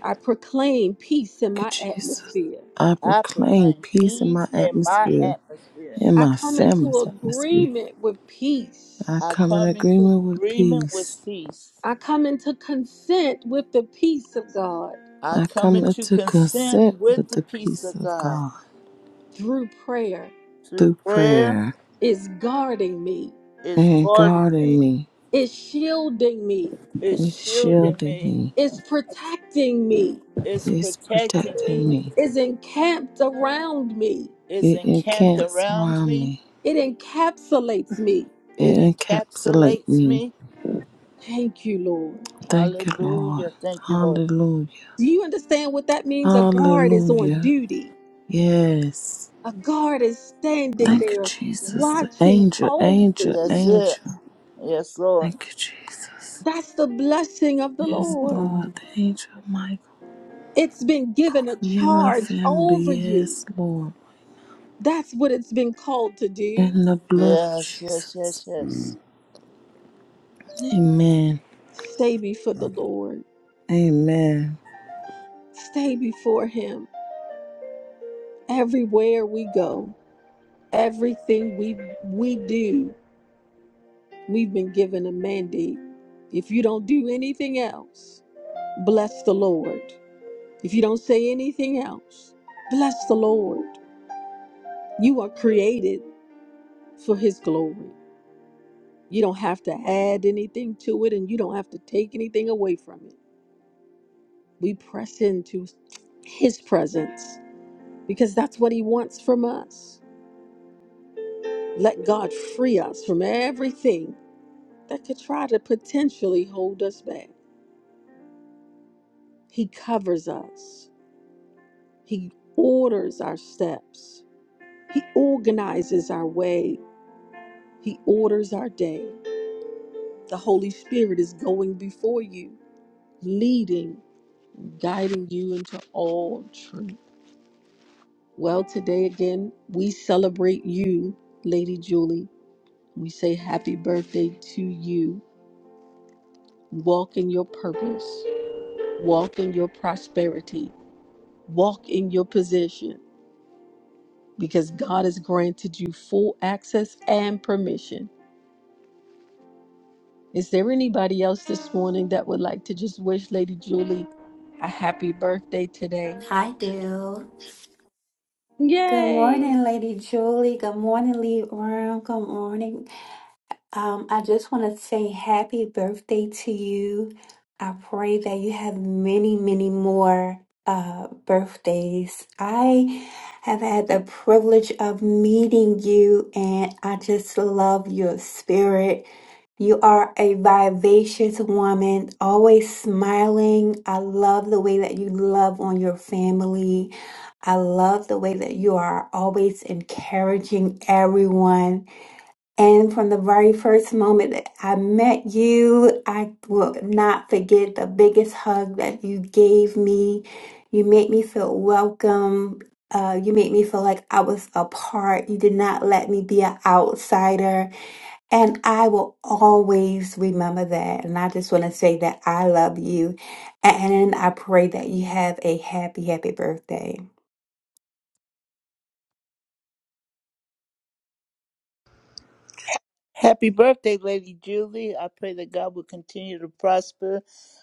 S1: I proclaim peace in
S3: Thank
S1: my
S3: you, Jesus.
S1: atmosphere.
S3: I
S2: I
S3: proclaim
S2: proclaim
S3: peace in my
S2: peace in my
S3: atmosphere,
S2: atmosphere.
S3: in
S1: I
S3: my
S1: come into
S3: family's atmosphere.
S1: agreement with peace.
S3: I
S2: I
S3: come in
S2: come into
S3: agreement with
S2: agreement with
S3: peace.
S2: peace.
S1: I come into consent with the peace of God.
S2: I
S3: I
S2: come
S3: come
S2: into
S3: into
S2: consent
S3: consent
S2: with
S3: with
S2: the
S3: the
S2: peace
S3: peace
S2: of
S3: of
S2: God
S3: God
S1: through prayer
S2: through
S3: through
S2: prayer
S3: prayer
S1: is guarding me,
S2: is
S3: and
S2: guarding
S3: guarding
S2: me,
S3: me.
S1: is shielding me,
S2: is
S3: It's
S2: shielding
S3: shielding
S2: me,
S3: me.
S1: is protecting me,
S2: is
S3: It's
S2: protecting
S3: protecting
S2: me,
S3: me.
S1: is encamped around me.
S2: is
S3: It
S2: encamped
S3: encamps
S2: around
S3: surround
S2: me,
S3: me.
S1: It encapsulates me.
S2: it
S3: It encapsulate
S2: encapsulates
S3: me.
S2: me.
S1: Thank you, Lord.
S3: Thank you, Lord.
S2: Hallelujah. Thank you, Lord.
S3: Hallelujah.
S1: Do you understand what that means? A guard is on
S3: Hallelujah.
S1: duty,
S3: Yes.
S1: a guard is standing
S3: Thank you,
S1: there
S3: Jesus. The
S1: watching
S3: angel,
S1: over
S3: angel,
S2: That's
S1: you.
S2: it.
S3: angel.
S2: Yes, Lord.
S3: Thank you, Jesus.
S1: That's the blessing of the
S3: Yes, Lord.
S1: Lord.
S3: The angel Michael.
S1: It's been given a
S3: For me and my
S1: charge over
S3: family.
S1: you.
S3: Yes, Lord.
S1: That's what it's been called to do.
S3: In the blood of
S2: Yes, yes,
S3: Jesus.
S2: yes, yes.
S3: Amen.
S1: Stay before the Lord.
S3: Amen.
S1: Stay before Him. Everywhere we go, everything we we do, we've been given a mandate. If you don't do anything else, bless the Lord. If you don't say anything else, bless the Lord. You are created for His glory. You don't have to add anything to it, and you don't have to take anything away from it. We press into His presence because that's what He wants from us. Let God free us from everything that could try to potentially hold us back. He covers us, He orders our steps, He organizes our way, He orders our day. The Holy Spirit is going before you, leading, guiding you into all truth. Well, today again, we celebrate you, Lady Julie. We say happy birthday to you. Walk in your purpose. Walk in your prosperity, walk in your position, because God has granted you full access and permission. Is there anybody else this morning that would like to just wish Lady Julie a happy birthday today?
S10: Hi, Dale. Good
S1: Yay!
S10: morning, Lady Julie. Good morning, Lead Room. Good morning, um, I just want to say happy birthday to you. I pray that you have many, many more uh, birthdays. I have had the privilege of meeting you, and I just love your spirit. You are a vivacious woman, always smiling. I love the way that you love on your family. I love the way that you are always encouraging everyone. And from the very first moment that I met you, I will not forget the biggest hug that you gave me. You made me feel welcome. Uh, you made me feel like I was a part. You did not let me be an outsider. And I will always remember that. And I just want to say that I love you. And I pray that you have a happy, happy birthday.
S2: Happy birthday, Lady Julie. I pray that God will continue to prosper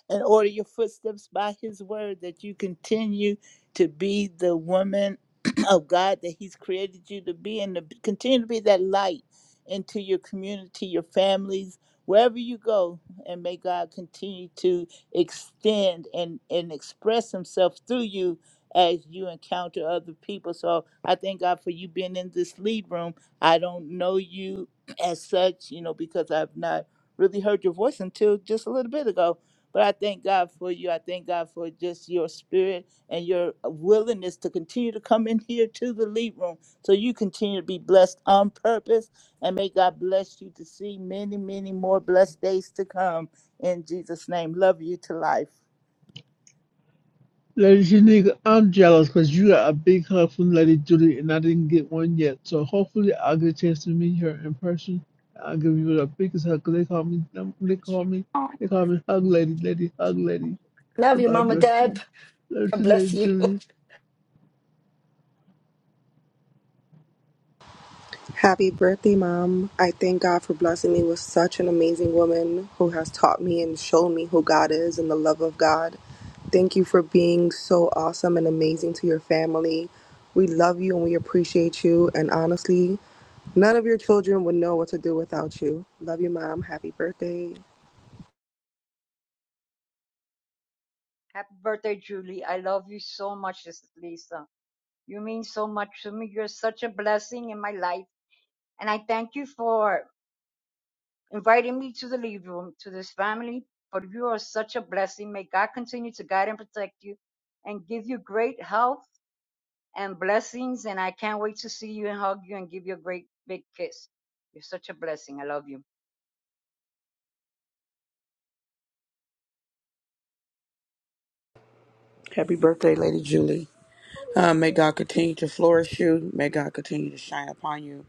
S2: and order your footsteps by His word, that you continue to be the woman of God that He's created you to be and to b- continue to be that light into your community, your families, wherever you go. And may God continue to extend and, and express Himself through you as you encounter other people. So I thank God for you being in this lead room. I don't know you as such, you know, because I've not really heard your voice until just a little bit ago. But I thank God for you. I thank God for just your spirit and your uh, willingness to continue to come in here to the lead room so you continue to be blessed on purpose. And may God bless you to see many, many more blessed days to come. In Jesus' name, love you to life.
S4: Lady Shanika, I'm jealous because you got a big hug from Lady Judy and I didn't get one yet. So hopefully I'll get a chance to meet her in person. I'll give you the biggest hug 'cause they call me, they call me,
S11: Oh,
S4: they call me Hug Lady, Lady Hug Lady.
S11: Love
S4: So
S11: you,
S4: God
S11: Mama
S4: bless
S11: Deb.
S4: you. Love
S11: God
S4: you,
S11: bless
S4: Lady
S11: you.
S4: Judy.
S12: Happy birthday, Mom. I thank God for blessing me with such an amazing woman who has taught me and shown me who God is and the love of God. Thank you for being so awesome and amazing to your family. We love you and we appreciate you. And honestly, none of your children would know what to do without you. Love you, Mom. Happy birthday.
S8: Happy birthday, Julie. I love you so much, this Lisa. You mean so much to me. You're such a blessing in my life. And I thank you for inviting me to the lead room, to this family. But you are such a blessing. May God continue to guide and protect you and give you great health and blessings. And I can't wait to see you and hug you and give you a great big kiss. You're such a blessing. I love you.
S13: Happy birthday, Lady Julie. Uh, may God continue to flourish you. May God continue to shine upon you.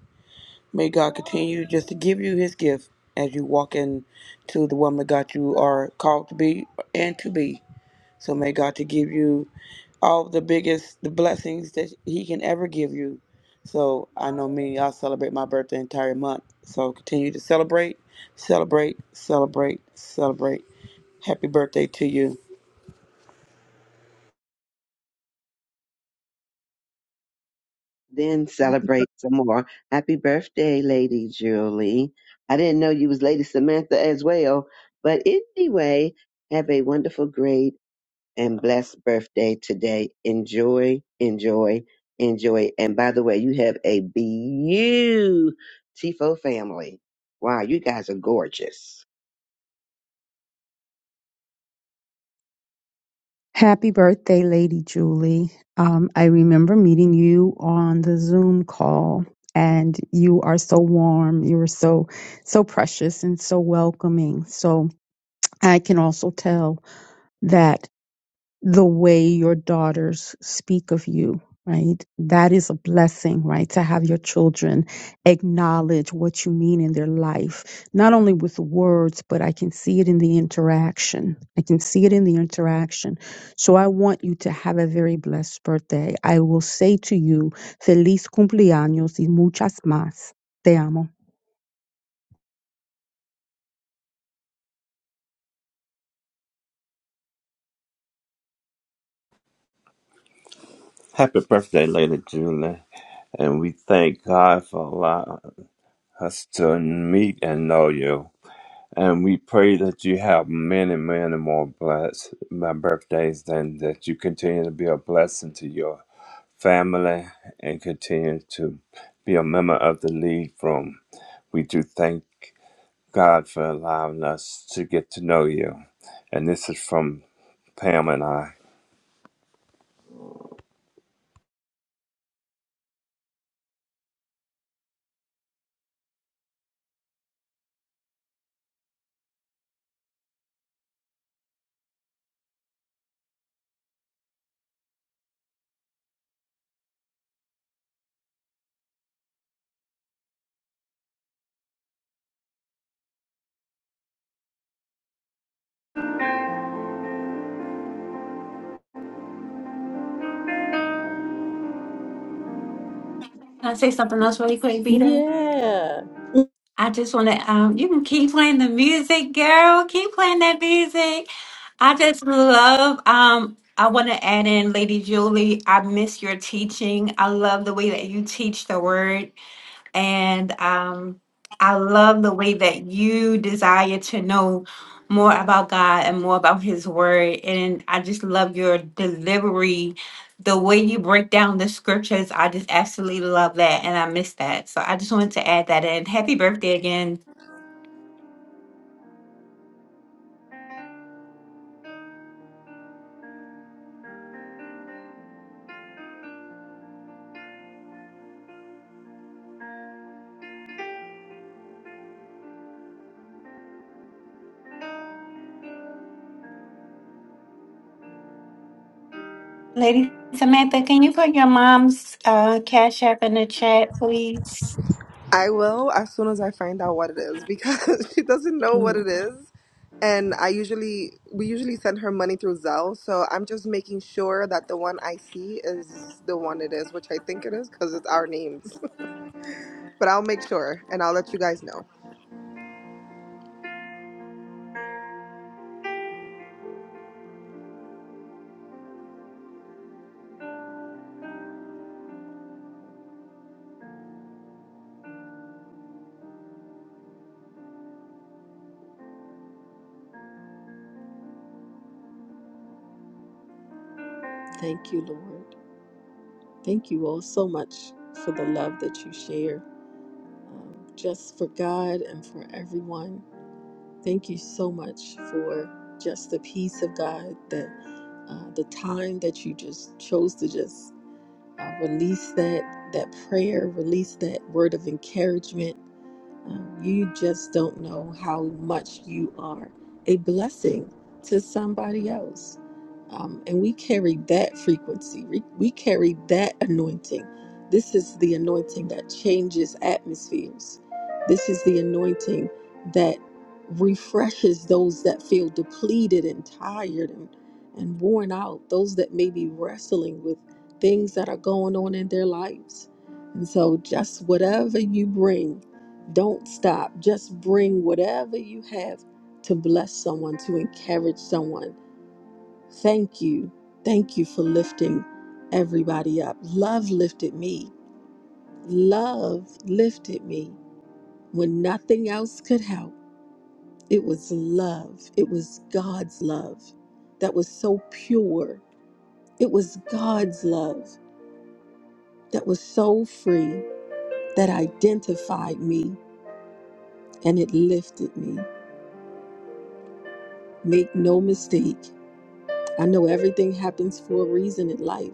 S13: May God continue just to give you his gift as you walk in to the woman God you are called to be and to be. So may God to give you all the biggest the blessings that he can ever give you. So I know me, I celebrate my birthday entire month. So continue to celebrate, celebrate, celebrate, celebrate. Happy birthday to you.
S14: then
S5: Happy
S14: celebrate some more. Happy birthday, Lady Julie. I didn't know you was Lady Samantha as well. But anyway, have a wonderful, great, and blessed birthday today. Enjoy, enjoy, enjoy. And by the way, you have a beautiful family. Wow, you guys are gorgeous.
S5: Happy birthday, Lady Julie. Um, I remember meeting you on the Zoom call, and you are so warm. You are so, so precious and so welcoming. So I can also tell that the way your daughters speak of you, right? That is a blessing, right? To have your children acknowledge what you mean in their life, not only with words, but I can see it in the interaction. I can see it in the interaction. So I want you to have a very blessed birthday. I will say to you, Feliz cumpleaños y muchas más. Te amo.
S9: Happy birthday, Lady Julie. And we thank God for allowing us to meet and know you. And we pray that you have many, many more blessed my birthdays and that you continue to be a blessing to your family and continue to be a member of the lead room. We do thank God for allowing us to get to know you. And this is from Pam and I.
S10: Can I say something else really quick, Vita?
S1: Yeah.
S10: I just want to, um, you can keep playing the music, girl. Keep playing that music. I just love, um, I want to add in Lady Julie. I miss your teaching. I love the way that you teach the word. And um, I love the way that you desire to know more about God and more about His Word. And I just love your delivery, the way you break down the scriptures. I just absolutely love that. And I miss that. So I just wanted to add that in. Happy birthday again. Lady Samantha, can you put your mom's uh, Cash App in the chat, please?
S12: I will as soon as I find out what it is because she doesn't know what
S1: Mhm.
S12: it is. And I usually, we usually send her money through Zelle. So I'm just making sure that the one I see is the one it is, which I think it is because it's our names. but I'll make sure and I'll let you guys know.
S1: Thank you, Lord. Thank you all so much for the love that you share, um, just for God and for everyone. Thank you so much for just the peace of God, That uh, the time that you just chose to just uh, release that that prayer, release that word of encouragement um, You just don't know how much you are a blessing to somebody else. Um, and we carry that frequency, we we carry that anointing. This is the anointing that changes atmospheres. This is the anointing that refreshes those that feel depleted and tired and, and worn out, those that may be wrestling with things that are going on in their lives. And so, just whatever you bring don't stop. Just bring whatever you have to bless someone, to encourage someone. Thank you. Thank you for lifting everybody up. Love lifted me. Love lifted me when nothing else could help. It was love. It was God's love that was so pure. It was God's love that was so free that identified me and it lifted me. Make no mistake. I know everything happens for a reason in life.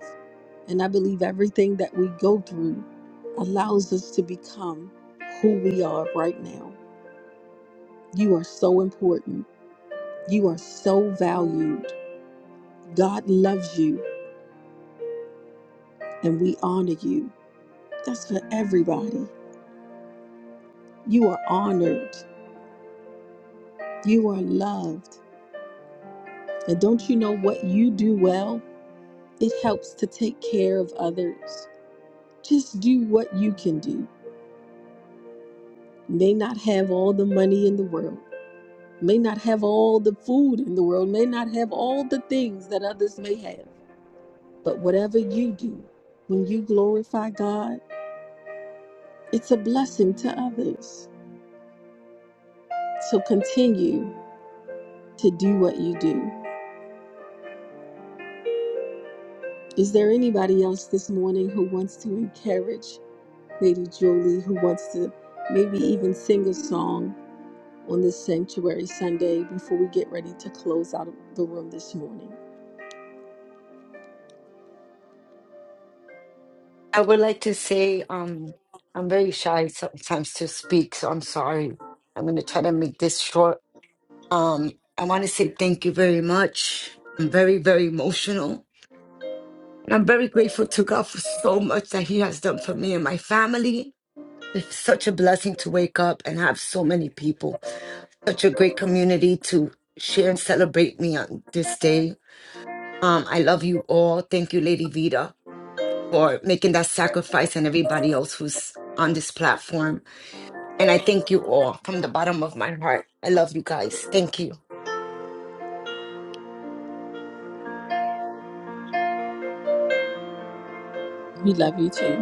S1: And I believe everything that we go through allows us to become who we are right now. You are so important. You are so valued. God loves you and we honor you. That's for everybody. You are honored. You are loved. And don't you know what you do well? It helps to take care of others. Just do what you can do. You may not have all the money in the world may not have all the food in the world, may not have all the things that others may have. But whatever you do, when you glorify God, it's a blessing to others. So continue to do what you do. Is there anybody else this morning who wants to encourage Lady Julie, who wants to maybe even sing a song on this Sanctuary Sunday before we get ready to close out of the room this morning?
S11: I would like to say, um, I'm very shy sometimes to speak, so I'm sorry. I'm gonna try to make this short. Um, I want to say thank you very much. I'm very, very emotional. And I'm very grateful to God for so much that He has done for me and my family. It's such a blessing to wake up and have so many people, such a great community to share and celebrate me on this day. Um, I love you all. Thank you, Lady Vita. for making that sacrifice and everybody else who's on this platform. And I thank you all from the bottom of my heart. I love you guys. Thank you.
S1: We love you too.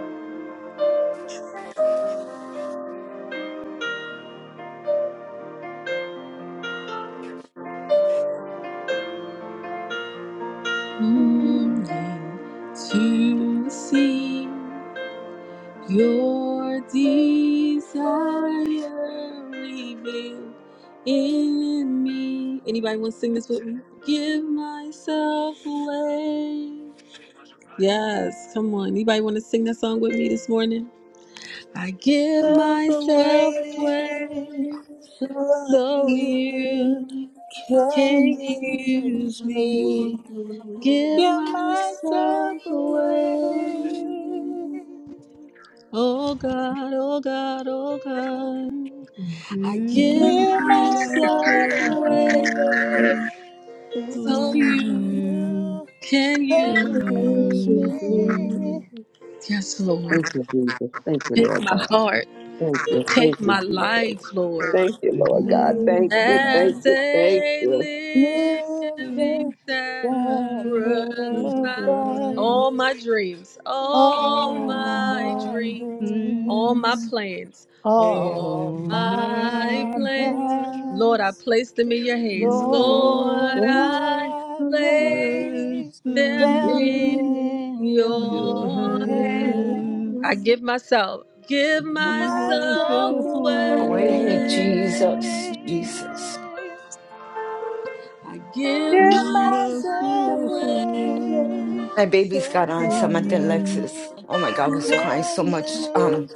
S1: Longing to see your desire revealed in me. Anybody want to sing this with me? Give myself away. Yes, come on. Anybody want to sing that song with me this morning? I give
S2: Love
S1: myself away
S2: away from
S1: so
S2: you.
S1: you
S2: Can
S1: can
S2: you
S1: use me.
S2: me?
S1: Give
S2: Give
S1: myself
S2: myself
S1: away.
S2: away.
S1: Oh God, oh God, oh God. I give
S4: Give
S2: Give
S1: myself
S2: myself
S4: myself
S1: away
S2: away.
S4: away
S1: so
S4: to
S1: you
S4: you.
S2: You
S1: can use.
S2: can
S4: Then
S2: use
S4: you
S2: me.
S4: free.
S1: Yes, Lord.
S14: Thank you, Jesus. Thank you,
S1: Take
S14: Lord
S1: my
S14: God.
S1: heart.
S14: Thank you. Thank
S1: Take
S14: you,
S1: my
S14: Jesus.
S1: life, Lord.
S14: Thank you,
S4: Take
S14: Lord God.
S4: my
S14: Thank
S2: Living
S14: you,
S4: heart.
S14: thank
S1: as
S14: you, thank
S1: a
S14: you.
S1: living
S4: and sacrifice
S1: sacrifice.
S2: sacrifice.
S1: All my dreams, all
S2: All
S4: All
S1: my
S2: my
S4: my
S1: dreams, all my
S2: dreams.
S4: dreams,
S1: plans, all
S2: All
S4: all
S1: my
S2: my
S4: my
S1: plans. Lord, I
S4: plans,
S2: plans.
S1: place them in your hands. Lord,
S2: Lord,
S4: Lord,
S1: I
S4: I
S2: I
S1: place
S4: place
S2: place
S1: them
S2: them
S1: in
S4: them
S2: in
S4: in your
S2: your
S1: your hand. I
S4: hands.
S2: hands.
S1: give myself,
S4: I
S1: give
S2: Give
S4: give
S1: myself
S2: myself
S4: myself
S1: away.
S4: away,
S11: Oh,
S2: away.
S11: Jesus, Jesus.
S1: I give
S2: Give
S4: give
S1: myself
S2: myself
S4: myself
S1: away.
S2: away.
S4: away
S11: My babies got
S1: So
S11: on
S4: for
S2: So
S11: Samantha and
S4: you.
S11: Lexus.
S2: you
S11: Oh my God, I was crying so
S2: can
S11: much. Um,
S2: use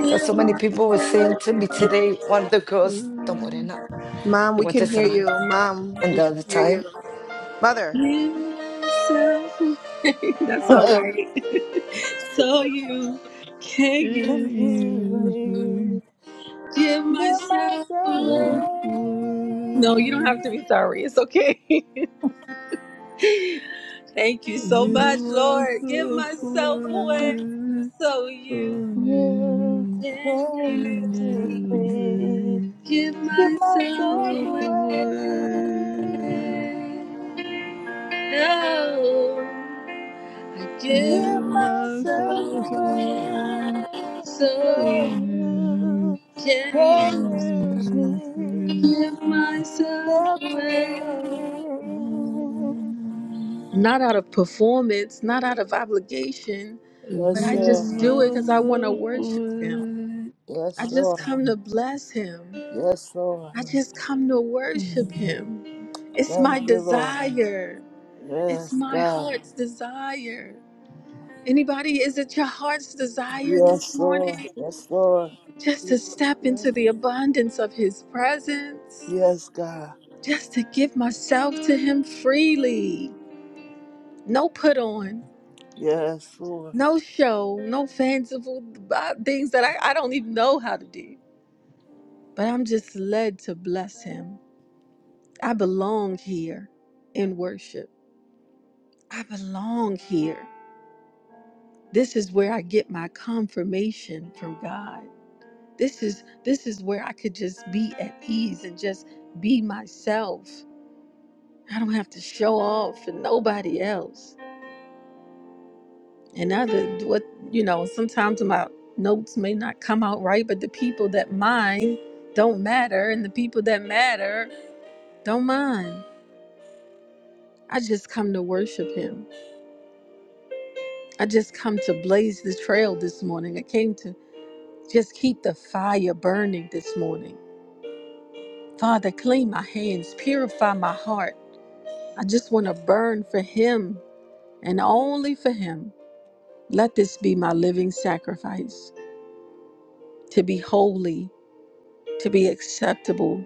S11: because
S1: give
S11: so many people were saying
S1: myself,
S11: to me today, one of the girls, the Morena,
S12: Mom,
S11: she
S12: we
S11: went to
S12: can hear
S11: Samantha.
S12: you. Mom,
S11: And
S12: we
S11: the
S12: can
S11: other
S12: hear
S11: time,
S12: you. Mother.
S1: give myself away. That's all right. So you
S4: Can't
S1: can give,
S2: Use
S4: use
S2: me.
S4: me
S1: give
S2: Give
S1: myself
S2: myself
S1: away.
S2: away.
S1: No, you don't
S4: away.
S1: have to be sorry. It's okay. Thank you
S4: I
S1: so
S4: give
S1: much, Lord. Give
S4: myself
S1: myself away
S4: away.
S1: so
S4: So
S1: you
S2: You
S4: you
S1: can
S2: can use
S4: and
S1: use me.
S2: me.
S4: you
S1: Give
S2: You my
S1: myself
S4: yourself
S1: away.
S4: away.
S2: away.
S1: Oh, I
S4: I
S1: give
S2: Give
S4: give
S2: myself
S4: myself
S1: myself
S2: away.
S1: away
S4: away.
S1: so
S4: So
S2: So
S1: you
S4: you
S2: you can
S4: and
S1: can use me.
S2: use
S4: use
S2: me.
S1: Give myself
S2: Step
S1: away
S2: away.
S4: me.
S1: not out of performance, not out of obligation,
S4: I
S1: but
S2: Yes,
S1: I
S4: give
S2: Lord.
S1: just do it because I want to
S4: myself
S1: worship Him.
S4: away.
S1: I
S2: Yes,
S1: just
S2: Lord.
S1: come to bless him.
S2: Yes, Lord.
S1: I just come to worship him. It's my
S2: Thank you, Lord.
S1: desire. It's
S2: Yes,
S1: my
S2: God.
S1: heart's desire. Anybody, is it your heart's desire this
S2: Yes, Lord.
S1: morning?
S2: Yes, Lord.
S1: Just
S12: Ye-
S1: to step
S12: Yes.
S1: into the abundance of his presence,
S2: Yes, God.
S1: just to give myself to him freely. No put on,
S2: Yes, Lord.
S1: no show, no fanciful uh, things that I, I don't even know how to do. But I'm just led to bless him. I belong here in worship. I belong here. This is where I get my confirmation from God. This is this is where I could just be at ease and just be myself. I don't have to show off for nobody else. And other what you know, sometimes my notes may not come out right, but the people that mind don't matter and the people that matter don't mind. I just come to worship him. I just come to blaze the trail this morning. I came to just keep the fire burning this morning. Father, clean my hands, purify my heart. I just want to burn for Him and only for Him. Let this be my living sacrifice to be holy, to be acceptable,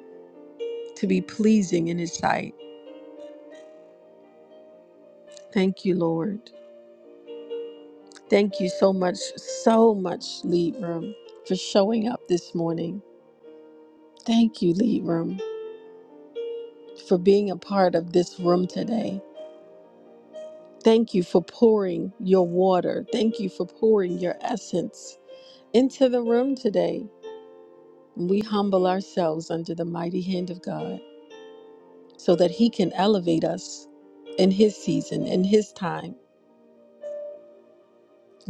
S1: to be pleasing in His sight. Thank you, Lord. Thank you so much, so much, Lead Room, for showing up this morning. Thank you, Lead Room. for being a part of this room today. Thank you for pouring your water. Thank you for pouring your essence into the room today. we humble ourselves under the mighty hand of God so that He can elevate us in His season, in His time.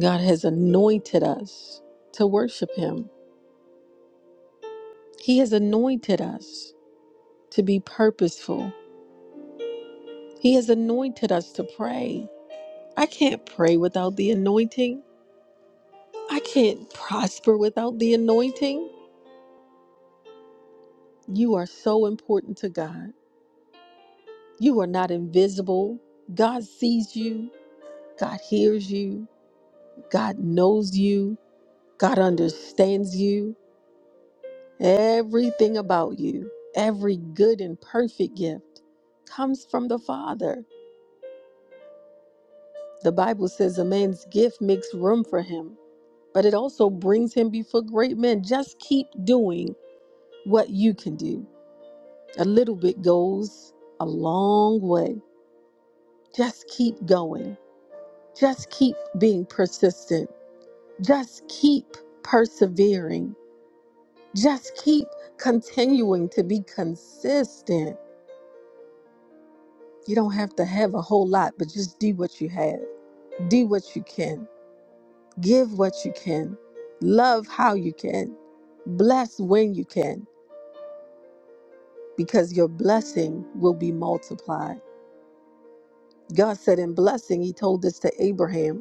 S1: God has anointed us to worship Him, He has anointed us to be purposeful, He has anointed us to pray. I can't pray without the anointing. I can't prosper without the anointing. You are so important to God. You are not invisible. God sees you, God hears you, God knows you, God understands you, everything about you. Every good and perfect gift comes from the Father. The Bible says a man's gift makes room for him, but it also brings him before great men. Just keep doing what you can do A little bit goes a long way. Just keep going. Just keep being persistent. Just keep persevering. Just keep continuing to be consistent. You don't have to have a whole lot, but just do what you have. Do what you can. Give what you can. Love how you can. Bless when you can, because your blessing will be multiplied. God said in blessing, He told this to Abraham.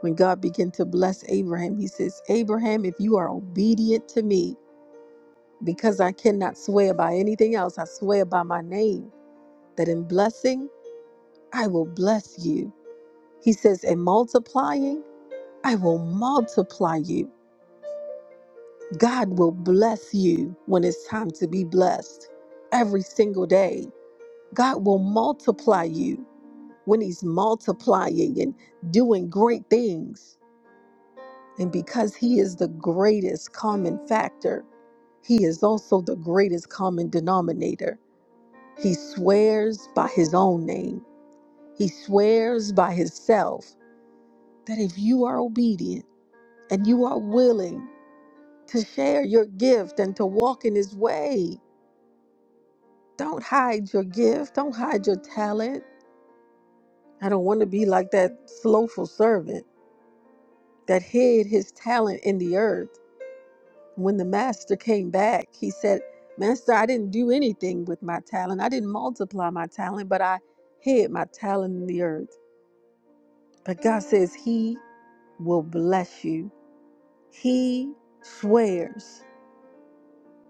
S1: When God began to bless Abraham, he says, Abraham, if you are obedient to me, because I cannot swear by anything else, I swear by my name, that in blessing, I will bless you. He says, in multiplying, I will multiply you. God will bless you when it's time to be blessed every single day. God will multiply you when He's multiplying and doing great things. And because He is the greatest common factor, He is also the greatest common denominator. He swears by His own name, He swears by Himself that if you are obedient and you are willing to share your gift and to walk in His way, don't hide your gift, don't hide your talent. I don't want to be like that slothful servant that hid his talent in the earth when the master came back, he said, Master, I didn't do anything with my talent. I didn't multiply my talent, but I hid my talent in the earth. But God says He will bless you. He swears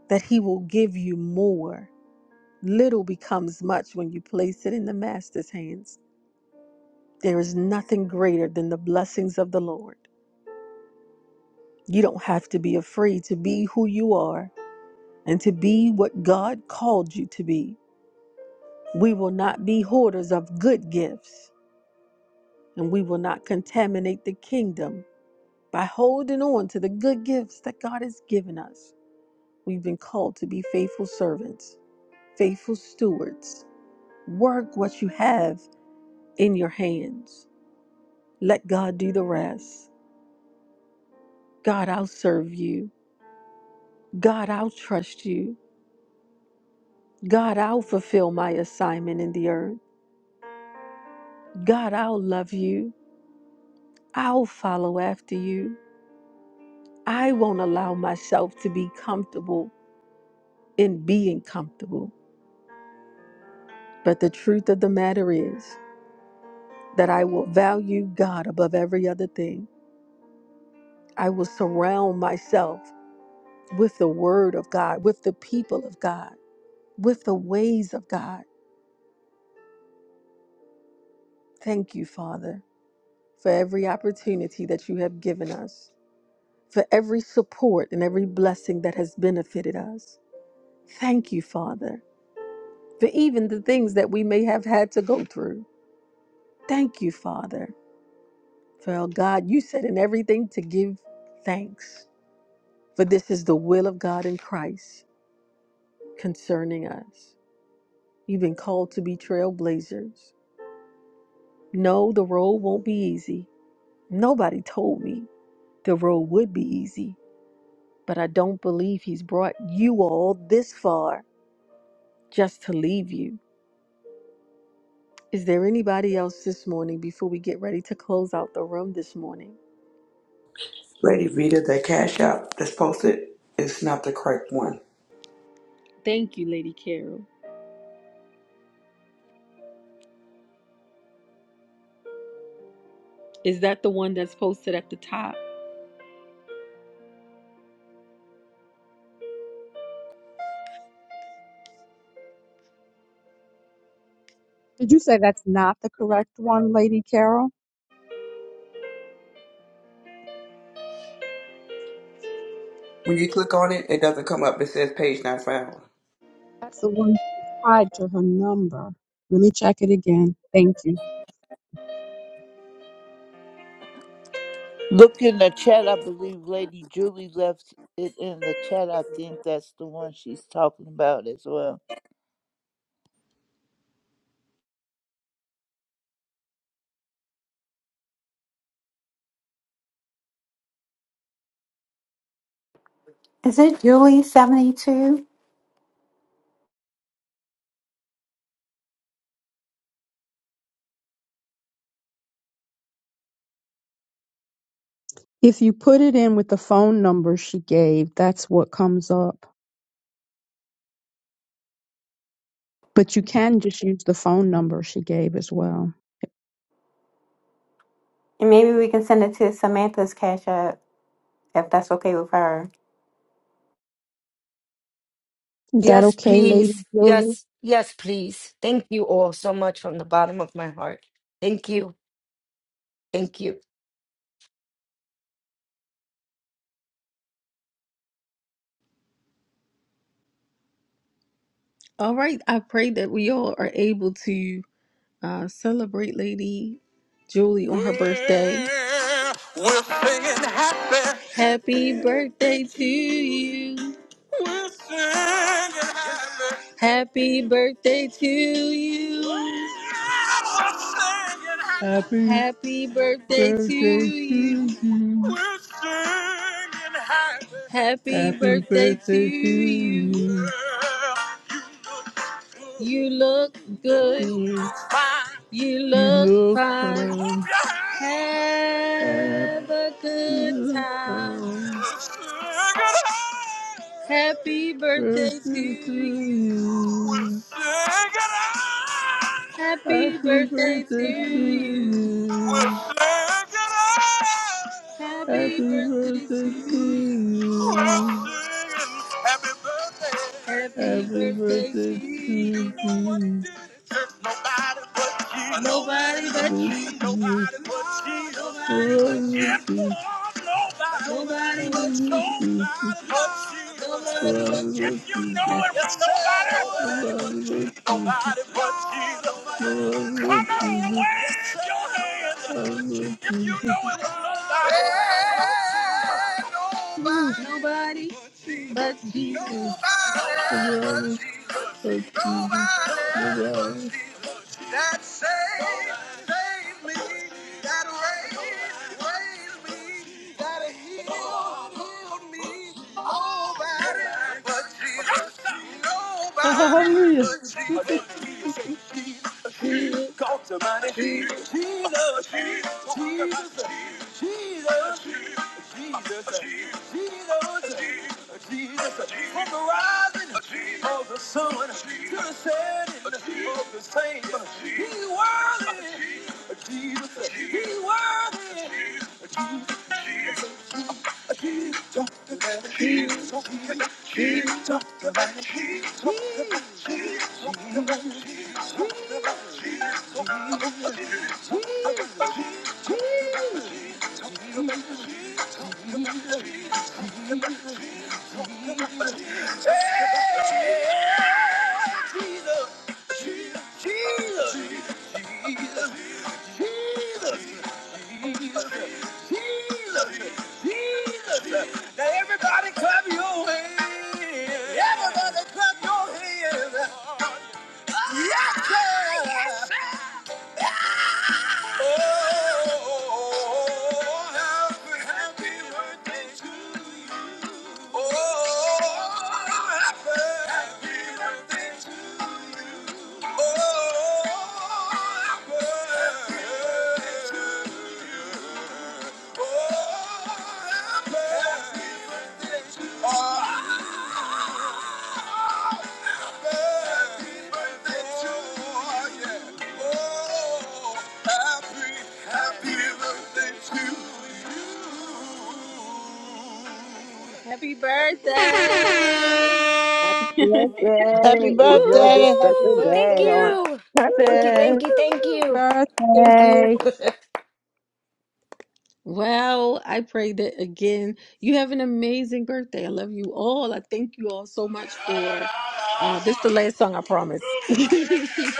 S1: that He will give you more. Little becomes much when you place it in the Master's hands. There is nothing greater than the blessings of the Lord. You don't have to be afraid to be who you are and to be what God called you to be. We will not be hoarders of good gifts, and we will not contaminate the kingdom by holding on to the good gifts that God has given us. We've been called to be faithful servants, faithful stewards. Work what you have in your hands. Let God do the rest. God, I'll serve you. God, I'll trust you. God, I'll fulfill my assignment in the earth. God, I'll love you. I'll follow after you. I won't allow myself to be comfortable in being comfortable. But the truth of the matter is that I will value God above every other thing. I will surround myself with the word of God, with the people of God, with the ways of God. Thank you, Father, for every opportunity that you have given us, for every support and every blessing that has benefited us. Thank you, Father, for even the things that we may have had to go through. Thank you, Father. For God, you said in everything to give thanks, for this is the will of God in Christ concerning us. You've been called to be trailblazers. No, the road won't be easy. Nobody told me the road would be easy, but I don't believe He's brought you all this far just to leave you. Is there anybody else this morning before we get ready to close out the room this morning?
S13: Lady Vita, the Cash App that's posted is not the correct one.
S1: Thank you, Lady Carol. Is that the one that's posted at the top?
S5: Did you say that's not the correct one, Lady Carol?
S13: When you click on it, it doesn't come up. It says page not found.
S5: That's the one that tied to her number. Let me check it again. Thank you.
S2: Look in the chat. I believe Lady Julie left it in the chat. I think that's the one she's talking about as well.
S10: Is it Julie72?
S5: If you put it in with the phone number she gave, that's what comes up. But you can just use the phone number she gave as well.
S10: And maybe we can send it to Samantha's Cash App if that's okay with her.
S5: Is that
S11: Yes,
S5: okay, Lady
S11: please.
S5: Julie?
S11: Yes, yes, please. Thank you all so much from the bottom of my heart. Thank you. Thank you.
S1: All right. I pray that we all are able to uh, celebrate Lady Julie on her birthday. Happy. Happy birthday to you. We're singing happy. Happy birthday to you. We're singing happy.
S4: Happy
S1: Happy birthday to
S4: birthday
S1: you.
S4: to you.
S1: We're singing happy. Happy
S4: Happy
S1: birthday to
S4: birthday to
S1: you.
S4: you.
S1: You look good.
S4: Mm,
S1: You
S4: You
S1: look
S4: look
S1: fine.
S4: fine.
S1: Have a good
S4: Happy
S1: time.
S4: um,
S1: Happy birthday to
S4: birthday
S1: you.
S4: to you.
S1: Happy
S4: Happy
S1: birthday to
S4: birthday to
S1: you.
S4: you.
S1: Happy
S4: Happy
S1: birthday to
S4: birthday to
S1: you.
S4: you.
S1: Happy
S4: Happy
S1: birthday to
S4: birthday
S1: you.
S4: to you.
S1: Nobody but
S4: Thank
S1: you. Nobody but you.
S4: you
S1: Nobody
S4: Love
S1: but you.
S4: you,
S1: Yeah,
S4: Jesus.
S1: Lord, nobody.
S4: I
S1: Nobody but you.
S4: love
S1: Nobody
S4: Jesus. Love
S1: but you. Nobody but you. If you know it
S4: Jesus.
S1: yes, was nobody,
S4: Love you, Jesus.
S1: nobody but you.
S4: Love you,
S1: Come on, wave
S4: Jesus.
S1: yes, your hand.
S4: Love you,
S1: If you
S4: Jesus.
S1: know it
S4: Love
S1: was nobody. Nobody but you.
S4: you, Jesus. Love you. Hallelujah.
S1: Jesus, Jesus, Jesus, Jesus, Jesus, Jesus, Jesus, on the rising of the sun, to the setting of the same. He's worthy. He's worthy. He's talking about it. He's talking about it. He's talking about it. He's talking about it. He's talking about it. He's talking about it. He's talking about it. Everybody clap your hands. Yes, sir. Oh, happy, happy birthday to you. Oh, happy, happy birthday to you. Happy birthday!
S14: Happy
S2: Happy
S14: birthday. Enjoy this
S2: birthday. Happy
S14: special
S11: Woohoo!
S14: day
S11: Thank
S14: on
S2: birthday.
S11: you. Thank you.
S14: purpose.
S11: Thank you. Thank you. Thank
S5: Birthday.
S11: you.
S1: Well, I pray that again. You have an amazing birthday. I love you all. I thank you all so much for uh, this. The last song, I promise.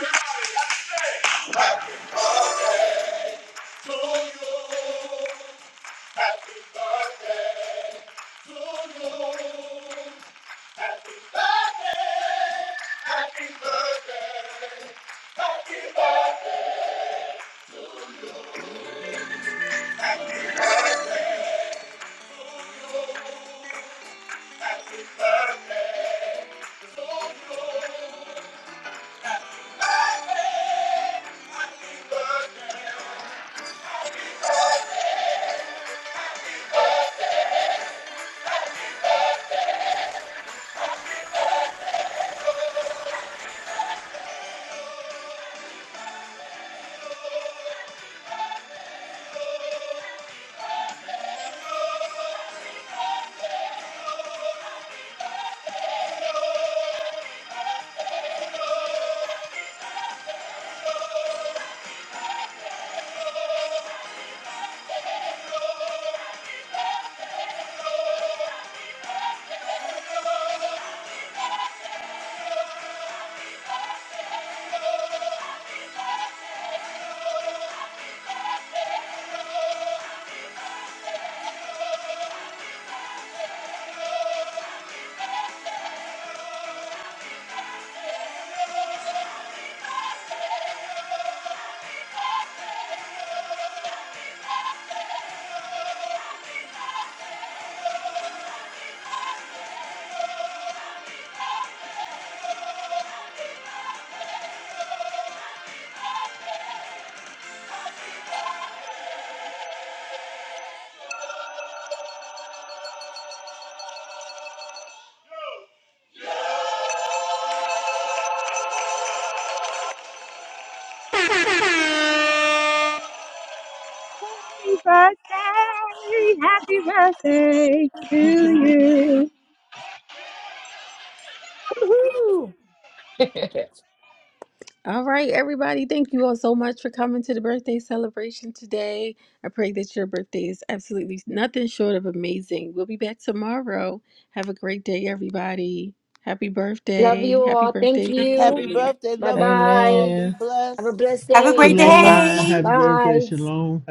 S11: Woo!
S1: all right, everybody. Thank you all so much for coming to the birthday celebration today. I pray that your birthday is absolutely nothing short of amazing. We'll be back tomorrow. Have a great day, everybody. Happy
S11: Love you
S1: birthday. Happy
S11: all. Thank
S1: birthday, Lady
S2: Happy
S11: you.
S1: Julie.
S2: birthday.
S11: Bye
S2: Love you all.
S11: bye.
S2: Be
S3: Amen.
S11: Have a
S2: blessed.
S11: blessed
S10: Have a great
S11: day.
S4: Shalom and
S3: Goodbye.
S10: day.
S4: happy birthday.
S11: Bye.
S4: Shalom.